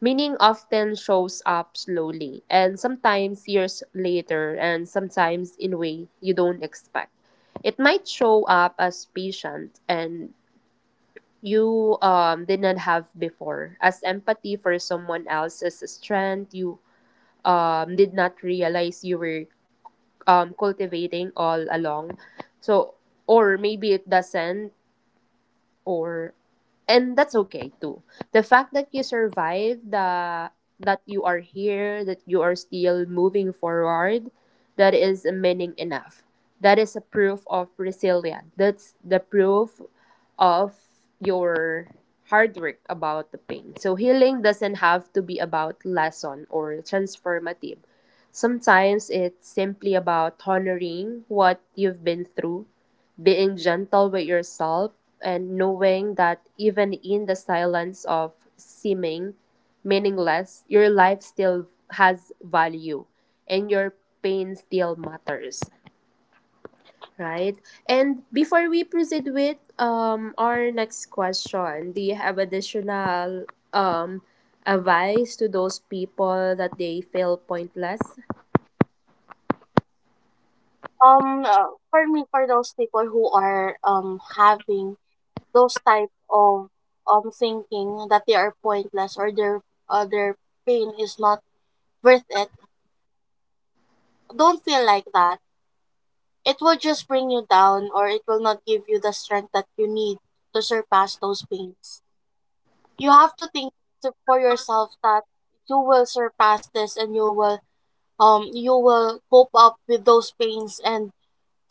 meaning often shows up slowly and sometimes years later and sometimes in way you don't expect. It might show up as patient and you didn't have before, as empathy for someone else's strength you did not realize you were cultivating all along. So, or maybe it doesn't, or, and that's okay too. The fact that you survived the, that you are here, that you are still moving forward, that is a meaning enough. That is a proof of resilience. That's the proof of your hard work about the pain. So healing doesn't have to be about lesson or transformative. Sometimes it's simply about honoring what you've been through, being gentle with yourself and knowing that even in the silence of seeming meaningless, your life still has value and your pain still matters, right? And before we proceed with our next question, do you have additional um advice to those people that they feel pointless?
For me, for those people who are having those type of thinking that they are pointless or their their pain is not worth it, don't feel like that. It will just bring you down, or it will not give you the strength that you need to surpass those pains. You have to think for yourself that you will surpass this, and you will cope up with those pains and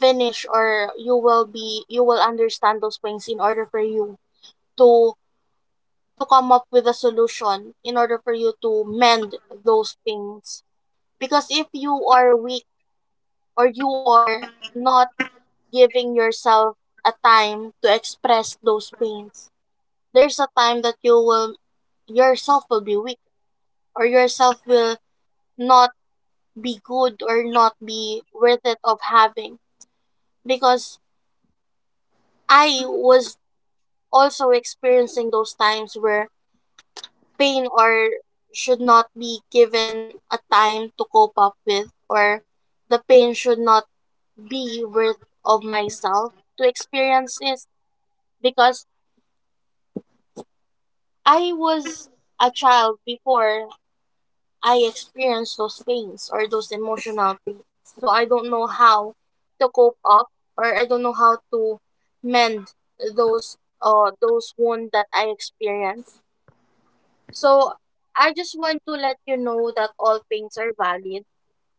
finish, or you will understand those pains in order for you to to come up with a solution in order for you to mend those pains. Because if you are weak or you are not giving yourself a time to express those pains, there's a time that yourself will be weak, or yourself will not be good or not be worth it of having. Because I was also experiencing those times where pain or should not be given a time to cope up with, or the pain should not be worth of myself to experience this. Because I was a child before I experienced those pains or those emotional pains. So I don't know how to cope up, or I don't know how to mend those wounds that I experienced. So I just want to let you know that all pains are valid.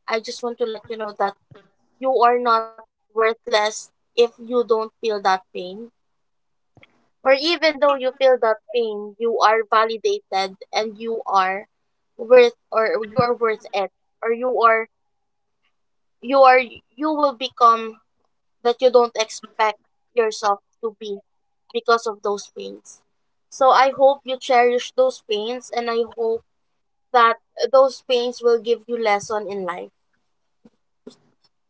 I just want to let you know that you are not worthless if you don't feel that pain. Or even though you feel that pain, you are validated and you are worth, or you are worth it, or you will become that you don't expect yourself to be because of those pains. So I hope you cherish those pains, and I hope that those pains will give you lesson in life.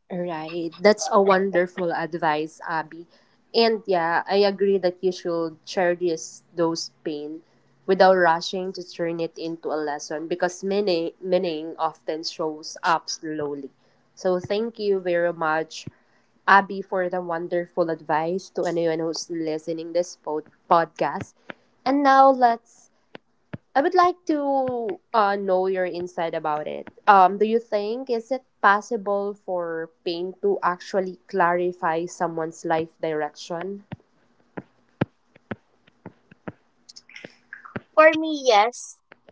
Right. That's a wonderful advice, Abby. And yeah, I agree that you should cherish those pain without rushing to turn it into a lesson because meaning often shows up slowly. So thank you very much, Abby, for the wonderful advice to anyone who's listening this podcast. And now let's, I would like to know your insight about it. Do you think is it possible for pain to actually clarify someone's life direction?
For me, yes,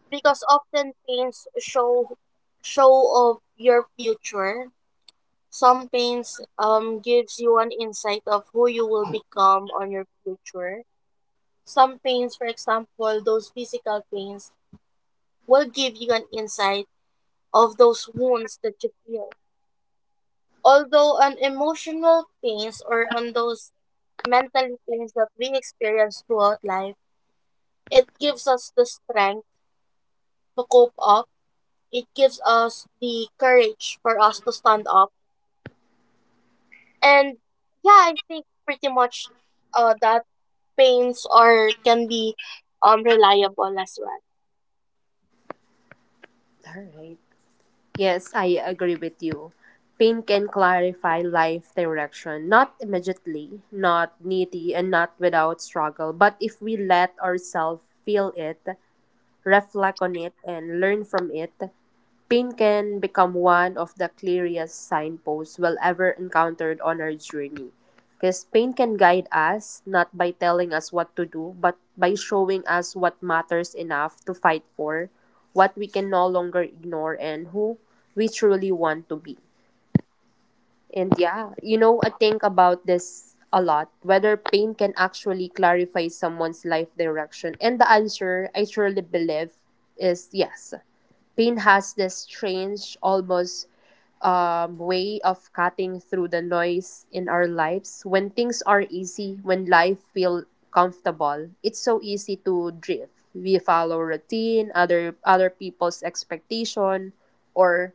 because often pains show of your future. Some pains gives you an insight of who you will become on your future. Some pains, for example, those physical pains will give you an insight of those wounds that you feel. Although on emotional pains or on those mental pains that we experience throughout life, it gives us the strength to cope up. It gives us the courage for us to stand up. And yeah, I think pretty much that pains or can be reliable as well.
All right. Yes, I agree with you. Pain can clarify life direction, not immediately, not needy, and not without struggle. But if we let ourselves feel it, reflect on it, and learn from it, pain can become one of the clearest signposts we'll ever encountered on our journey. Because pain can guide us, not by telling us what to do, but by showing us what matters enough to fight for, what we can no longer ignore, and who we truly want to be. And yeah, you know, I think about this a lot whether pain can actually clarify someone's life direction. And the answer, I surely believe, is yes. Pain has this strange, almost way of cutting through the noise in our lives. When things are easy, when life feel comfortable, it's so easy to drift. We follow routine, other people's expectation, or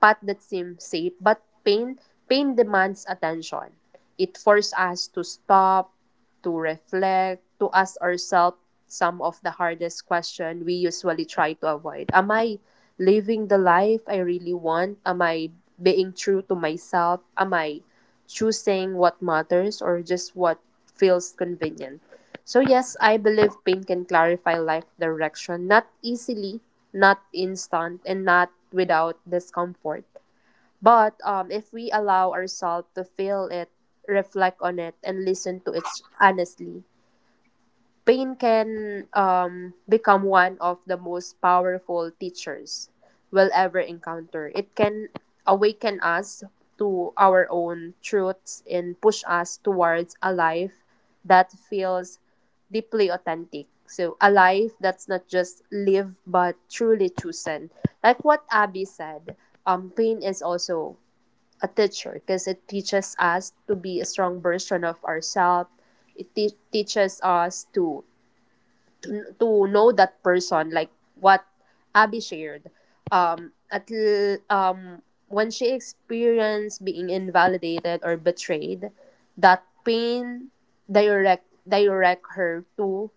path that seems safe, but pain demands attention. It forces us to stop, to reflect, to ask ourselves some of the hardest questions we usually try to avoid. Am I living the life I really want? Am I being true to myself? Am I choosing what matters or just what feels convenient? So, yes, I believe pain can clarify life direction, not easily, not instant, and not without discomfort. But if we allow ourselves to feel it, reflect on it, and listen to it honestly, pain can become one of the most powerful teachers we'll ever encounter. It can awaken us to our own truths and push us towards a life that feels deeply authentic. So, a life that's not just lived but truly chosen. Like what Abby said, pain is also a teacher because it teaches us to be a strong version of ourselves. It teaches us to to know that person like what Abby shared um at l- um when she experienced being invalidated or betrayed, that pain direct her to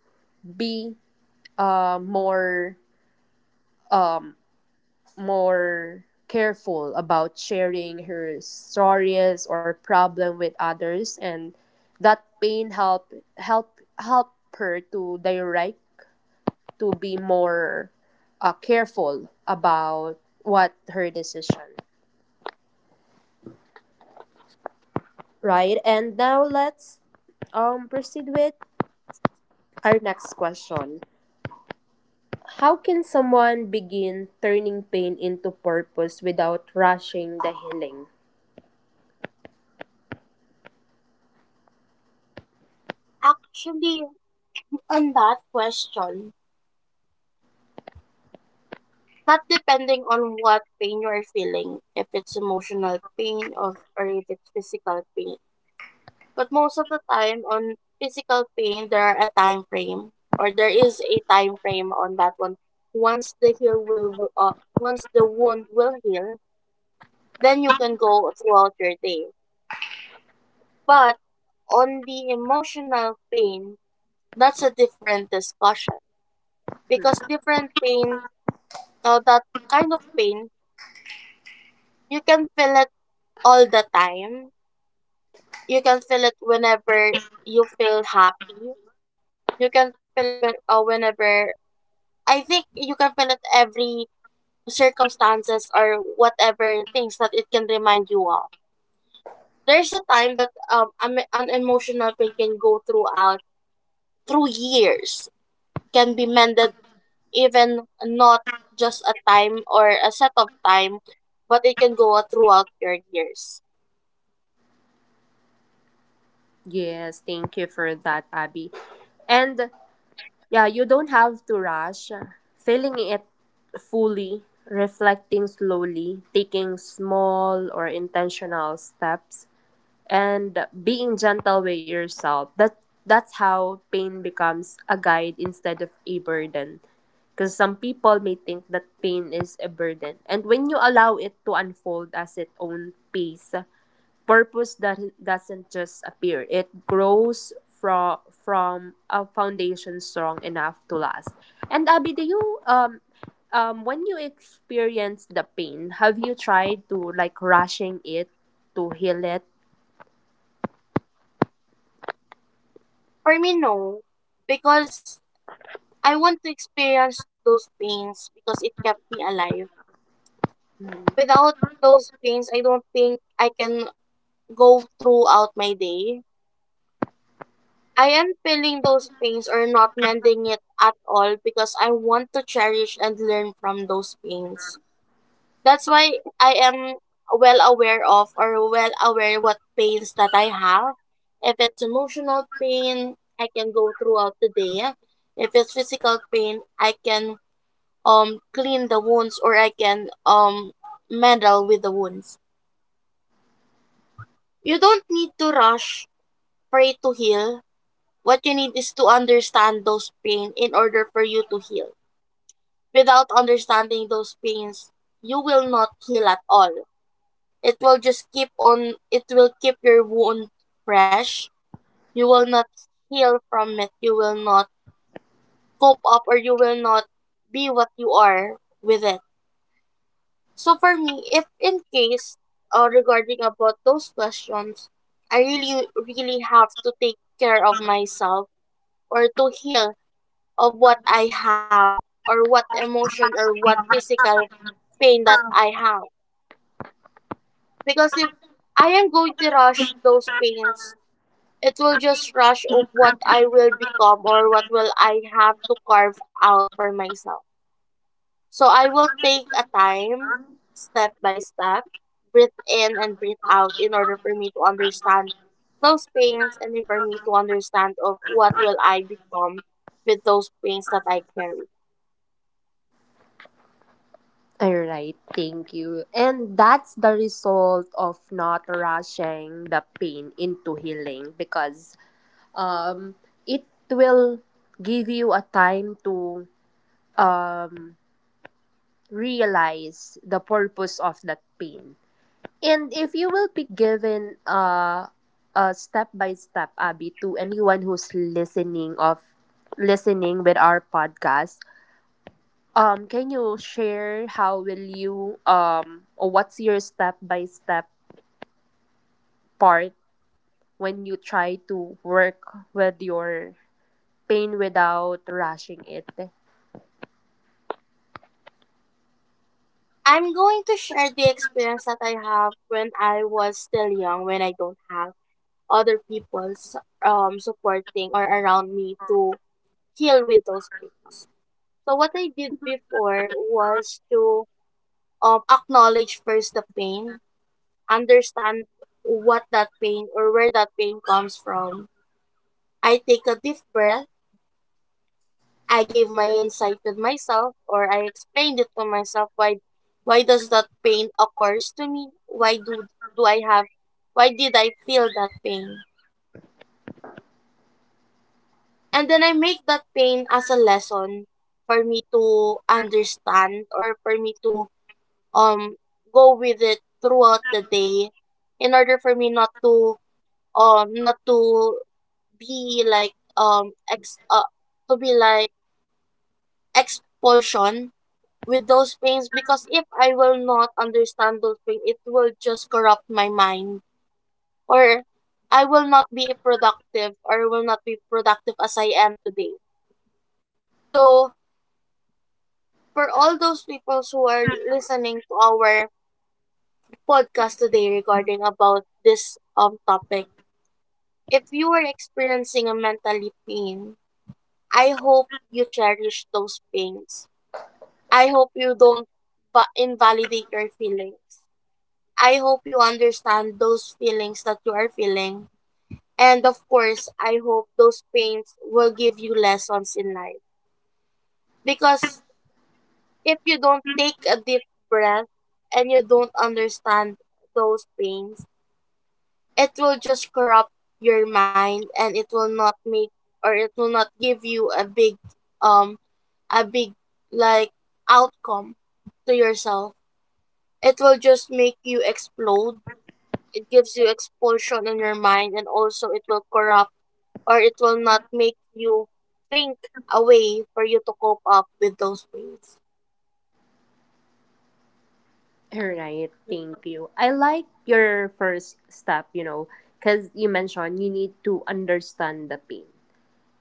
be more um more careful about sharing her stories or problem with others, and that pain help her to direct to be more careful about what her decision, right? And now let's proceed with our next question. How can someone begin turning pain into purpose without rushing the healing?
Actually, on that question, not depending on what pain you are feeling, if it's emotional pain of, or if it's physical pain. But most of the time on physical pain, there is a time frame on that one. Once the heal will once the wound will heal, then you can go throughout your day. But on the emotional pain, that's a different discussion, because
Hmm.
different pain, that kind of pain, you can feel it all the time. You can feel it whenever you feel happy. You can feel it whenever, I think you can fill it every circumstances or whatever things that it can remind you of. There's a time that an emotional pain can go throughout through years, can be mended even not just a time or a set of time, but it can go throughout your years.
Yes, thank you for that, Abby. And yeah, you don't have to rush. Feeling it fully, reflecting slowly, taking small or intentional steps and being gentle with yourself, that that's how pain becomes a guide instead of a burden, because some people may think that pain is a burden. And when you allow it to unfold as its own pace, purpose that doesn't just appear, it grows from a foundation strong enough to last. And Abby, do you when you experience the pain, have you tried to like rushing it to heal it?
For me, no, because I want to experience those pains because it kept me alive. Without those pains, I don't think I can go throughout my day. I am feeling those pains or not mending it at all because I want to cherish and learn from those pains. That's why I am well aware of, or well aware what pains that I have. If it's emotional pain, I can go throughout the day. If it's physical pain, I can clean the wounds, or I can meddle with the wounds. You don't need to rush for it to heal. What you need is to understand those pain in order for you to heal. Without understanding those pains, you will not heal at all. It will just keep on it will keep your wound fresh. You will not heal from it. You will not cope up, or you will not be what you are with it. So for me, if in case regarding about those questions, I really have to take care of myself, or to heal of what I have, or what emotion or what physical pain that I have. Because if I am going to rush those pains, it will just rush of what I will become, or what will I have to carve out for myself. So I will take a time, step by step, breathe in and breathe out in order for me to understand those pains, and for me to understand of what will I become with those pains that I carry.
All right, thank you. And that's the result of not rushing the pain into healing because um, it will give you a time to um, realize the purpose of that pain. And if you will be given a step by step, Abby, to anyone who's listening of listening with our podcast, can you share how will you or what's your step by step part when you try to work with your pain without rushing it?
I'm going to share the experience that I have when I was still young, when I don't have other people's supporting or around me to heal with those pains. So what I did before was to acknowledge first the pain, understand what that pain, or where that pain comes from. I take a deep breath. I gave my insight with myself, or I explained it to myself why does that pain occurs to me? Why do I have, why did I feel that pain? And then I make that pain as a lesson for me to understand, or for me to um go with it throughout the day in order for me not to be like to be like expulsion with those pains, because if I will not understand those pain, it will just corrupt my mind, or I will not be productive or will not be productive as I am today. So for all those people who are listening to our podcast today regarding about this topic, if you are experiencing a mentally pain, I hope you cherish those pains. I hope you don't invalidate your feelings. I hope you understand those feelings that you are feeling. And of course, I hope those pains will give you lessons in life. Because if you don't take a deep breath, and you don't understand those pains, it will just corrupt your mind, and it will not make, or it will not give you um a big like outcome to yourself. It will just make you explode. It gives you expulsion in your mind, and also it will corrupt, or it will not make you think a way for you to cope up with those ways.
All right, thank you. I like your first step, you know, because you mentioned you need to understand the pain.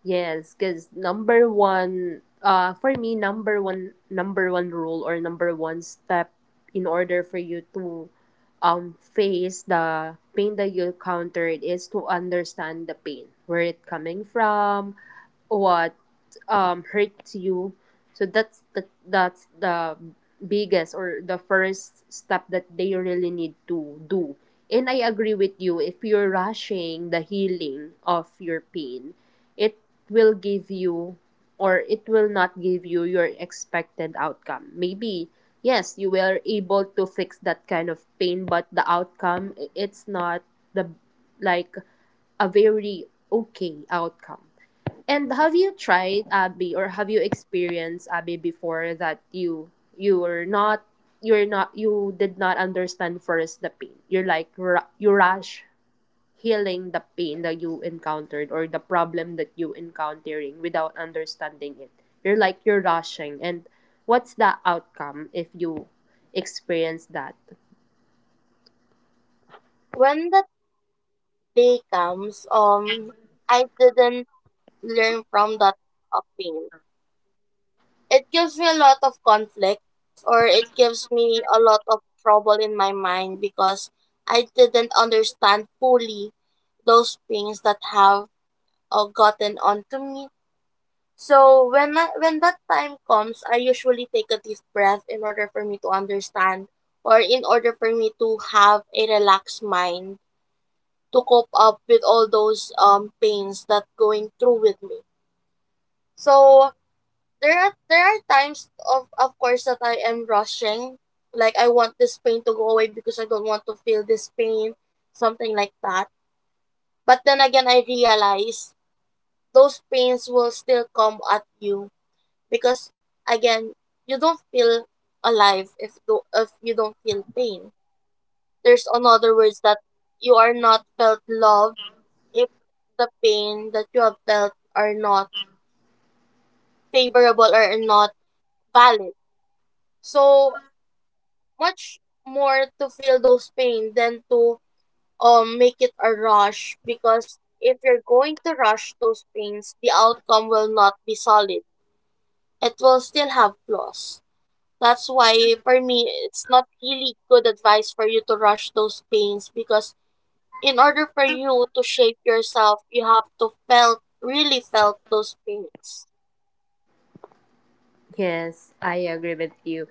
Yes, because number one, for me, number one rule or number one step in order for you to face the pain that you encountered is to understand the pain, where it coming from, what hurts you. So that's the biggest or the first step that they really need to do. And I agree with you. If you're rushing the healing of your pain, it will give you or it will not give you your expected outcome. Maybe, yes, you were able to fix that kind of pain, but the outcome, it's not the, like, a very okay outcome. And have you tried, Abby, or have you experienced, Abby, before that you were not, you did not understand first the pain. You're like, you rush healing the pain that you encountered or the problem that you encountering without understanding it, you're like you're rushing, and what's the outcome if you experience that?
When that day comes, I didn't learn from that pain. It gives me a lot of conflict, or it gives me a lot of trouble in my mind, because I didn't understand fully those things that have gotten onto me. So when that time comes, I usually take a deep breath in order for me to understand, or in order for me to have a relaxed mind to cope up with all those pains that going through with me. So there are times of course that I am rushing, like I want this pain to go away because I don't want to feel this pain, something like that. But then again, I realize those pains will still come at you, because again, you don't feel alive if you don't feel pain. There's another words that you are not felt love if the pain that you have felt are not favorable or are not valid, so much more to feel those pain than to make it a rush, because if you're going to rush those pains, the outcome will not be solid, it will still have flaws. That's why for me, it's not really good advice for you to rush those pains, because in order for you to shape yourself, you have to felt really felt those pains.
Yes, I agree with you.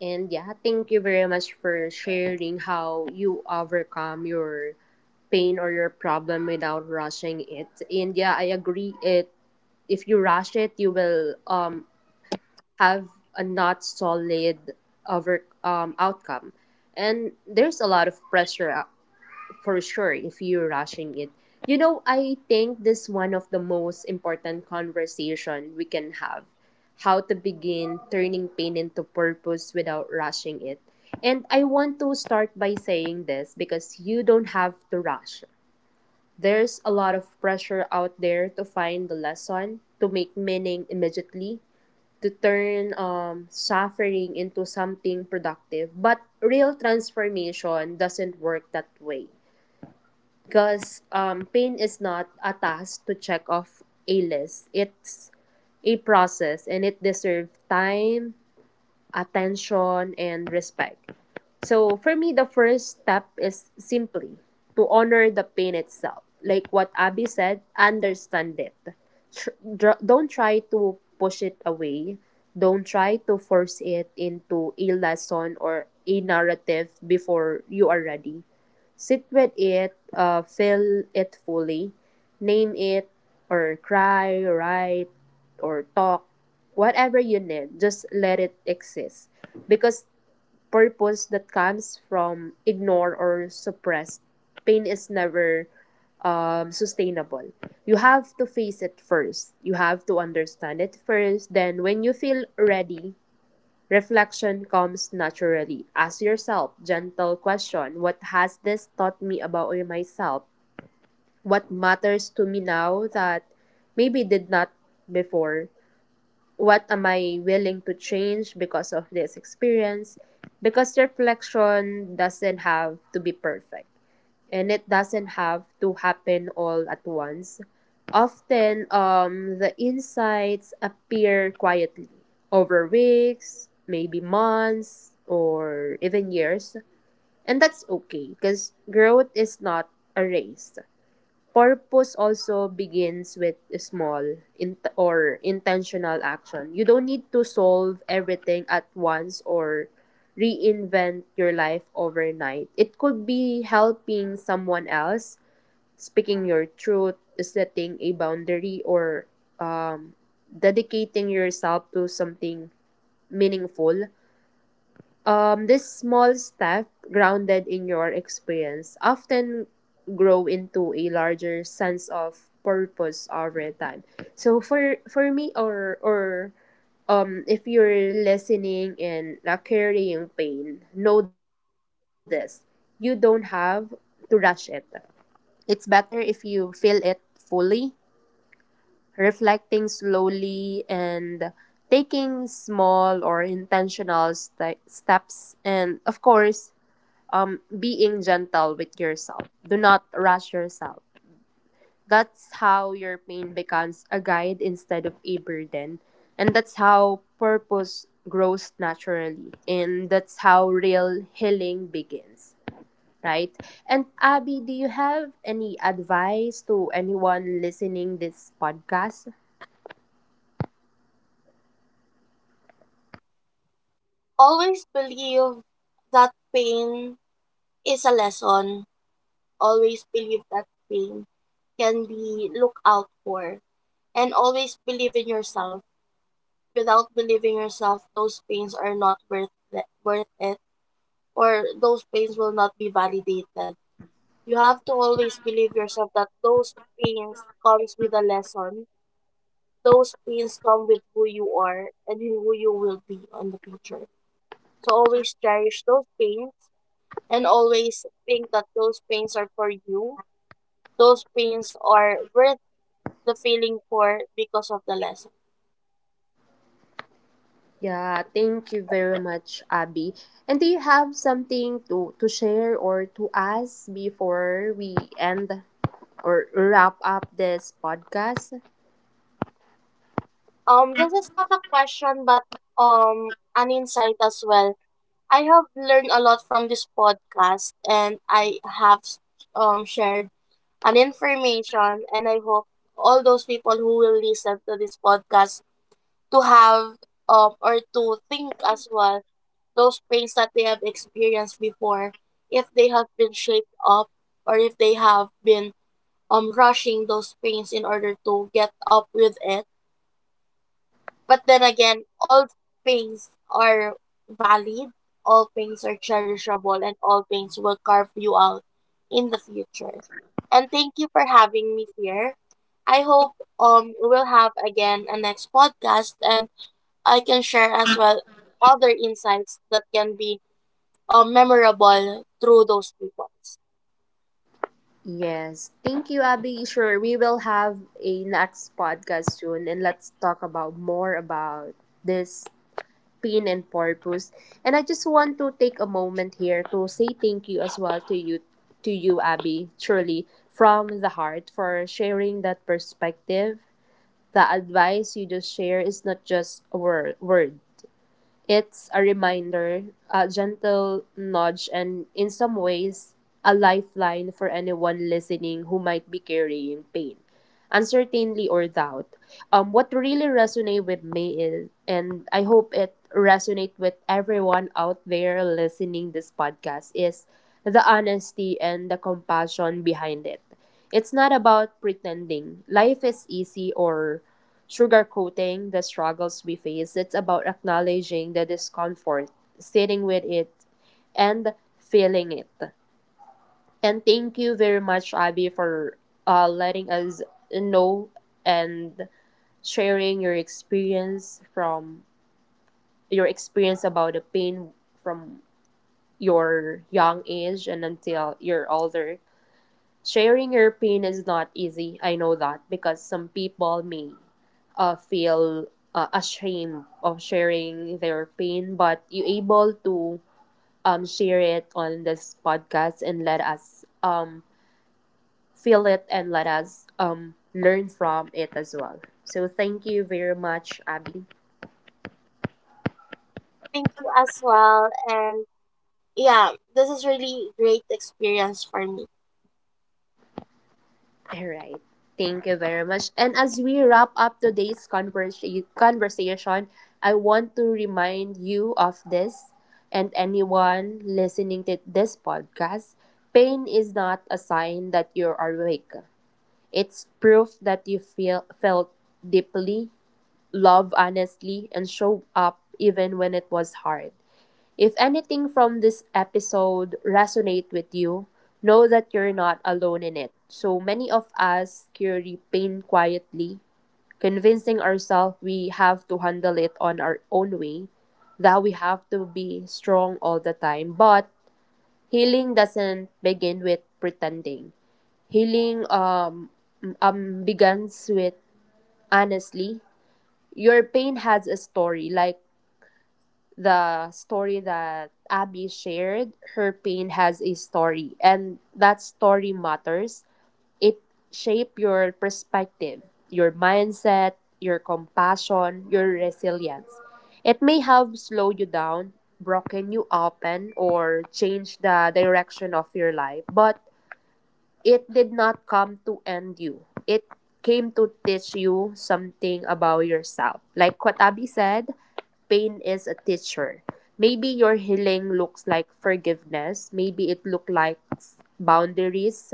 And yeah, thank you very much for sharing how you overcome your pain or your problem without rushing it. And yeah, I agree, it, if you rush it, you will have a not solid outcome. And there's a lot of pressure for sure if you're rushing it. You know, I think this one of the most important conversation we can have: how to begin turning pain into purpose without rushing it. And I want to start by saying this because you don't have to rush. There's a lot of pressure out there to find the lesson, to make meaning immediately, to turn suffering into something productive. But real transformation doesn't work that way because pain is not a task to check off a list. It's a process and it deserves time, attention, and respect. So for me, the first step is simply to honor the pain itself. Like what Abby said, understand it. Don't try to push it away. Don't try to force it into a lesson or a narrative before you are ready. Sit with it, feel it fully, name it, or cry, write, or talk, whatever you need. Just let it exist because purpose that comes from ignore or suppressed pain is never sustainable. You have to face it first. You have to understand it first. Then, when you feel ready, reflection comes naturally. Ask yourself gentle question: what has this taught me about myself? What matters to me now that maybe did not before? What am I willing to change because of this experience? Because reflection doesn't have to be perfect and it doesn't have to happen all at once. Often, the insights appear quietly over weeks, maybe months, or even years. And that's okay because growth is not a race. Purpose also begins with a small in- or intentional action. You don't need to solve everything at once or reinvent your life overnight. It could be helping someone else, speaking your truth, setting a boundary, or um, dedicating yourself to something meaningful. This small step, grounded in your experience, often grow into a larger sense of purpose over time. So for me or if you're listening and like, carrying pain, know this. You don't have to rush it. It's better if you feel it fully, reflecting slowly and taking small or intentional steps and of course being gentle with yourself. Do not rush yourself. That's how your pain becomes a guide instead of a burden. And that's how purpose grows naturally. And that's how real healing begins, right? And Abby, do you have any advice to anyone listening this podcast?
Always believe that pain is a lesson. Always believe that pain can be looked out for, and always believe in yourself. Without believing yourself, those pains are not worth the, worth it, or those pains will not be validated. You have to always believe yourself that those pains comes with a lesson. Those pains come with who you are and who you will be in the future. So always cherish those pains, and always think that those pains are for you. Those pains are worth the feeling for because of the lesson.
Yeah, thank you very much, Abby. And do you have something to share or to ask before we end or wrap up this podcast?
This is not a question, but an insight as well. I have learned a lot from this podcast, and I have shared and information. And I hope all those people who will listen to this podcast to have or to think as well those pains that they have experienced before, if they have been shaped up, or if they have been rushing those pains in order to get up with it. But then again, all pains are valid, all pains are cherishable, and all pains will carve you out in the future. And thank you for having me here. I hope we'll have again a next podcast, and I can share as well other insights that can be memorable through those people.
Yes, thank you, Abby. Sure, we will have a next podcast soon, and let's talk about more about this pain and purpose. And I just want to take a moment here to say thank you as well to you, Abby. Truly, from the heart for sharing that perspective. The advice you just share is not just word words. It's a reminder, a gentle nudge, and in some ways, a lifeline for anyone listening who might be carrying pain, uncertainty, or doubt. What really resonated with me is, and I hope it resonates with everyone out there listening this podcast, is the honesty and the compassion behind it. It's not about pretending life is easy or sugarcoating the struggles we face. It's about acknowledging the discomfort, sitting with it, and feeling it. And thank you very much, Abby, for letting us know and sharing your experience from your experience about the pain from your young age and until you're older. Sharing your pain is not easy. I know that because some people may feel ashamed of sharing their pain, but you able to share it on this podcast and let us feel it and let us learn from it as well. So thank you very much, Abby.
Thank you as well, and yeah, this is really great experience for me.
All right. Thank you very much. And as we wrap up today's conversation, I want to remind you of this and anyone listening to this podcast. Pain is not a sign that you're awake. It's proof that you feel felt deeply, love honestly, and show up even when it was hard. If anything from this episode resonate with you, know that you're not alone in it. So many of us carry pain quietly, convincing ourselves we have to handle it on our own way, that we have to be strong all the time. But healing doesn't begin with pretending. Healing begins with honestly, your pain has a story like the story that Abby shared, her pain has a story, and that story matters. It shape your perspective, your mindset, your compassion, your resilience. It may have slowed you down, broken you open, or changed the direction of your life, but it did not come to end you. It came to teach you something about yourself. Like what Abby said, pain is a teacher. Maybe your healing looks like forgiveness. Maybe it look like boundaries.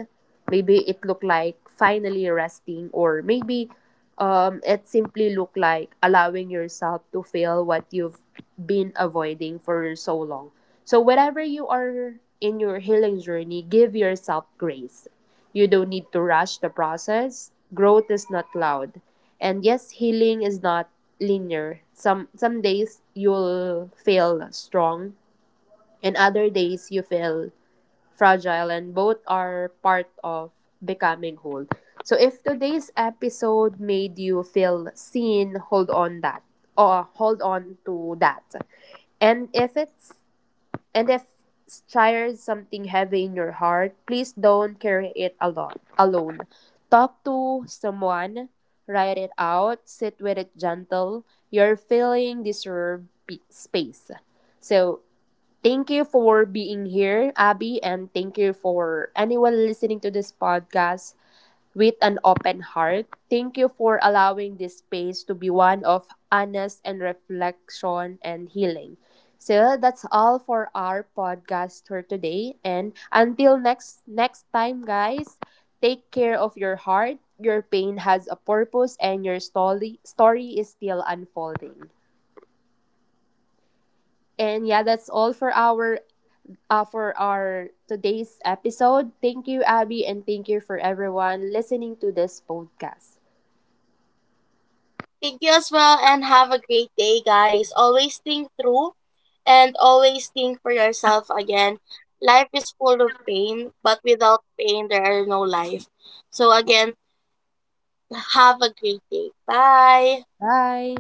Maybe it looked like finally resting, or maybe it simply looked like allowing yourself to feel what you've been avoiding for so long. So wherever you are in your healing journey, give yourself grace. You don't need to rush the process. Growth is not loud. And yes, healing is not linear. Some days you'll feel strong and other days you feel fragile and both are part of becoming whole. So if today's episode made you feel seen, hold on that or hold on to that. And if it's and if there's something heavy in your heart, please don't carry it alone. Alone, talk to someone, write it out, sit with it gentle. Your feeling deserve space. So thank you for being here, Abby, and thank you for anyone listening to this podcast. With an open heart, thank you for allowing this space to be one of honest and reflection and healing. So that's all for our podcast for today. And until next time, guys, take care of your heart. Your pain has a purpose, and your story is still unfolding. And yeah, that's all for our today's episode. Thank you, Abby, and thank you for everyone listening to this podcast.
Thank you as well, and have a great day, guys. Always think through, and always think for yourself again. Life is full of pain, but without pain, there are no life. So, again, have a great day. Bye.
Bye.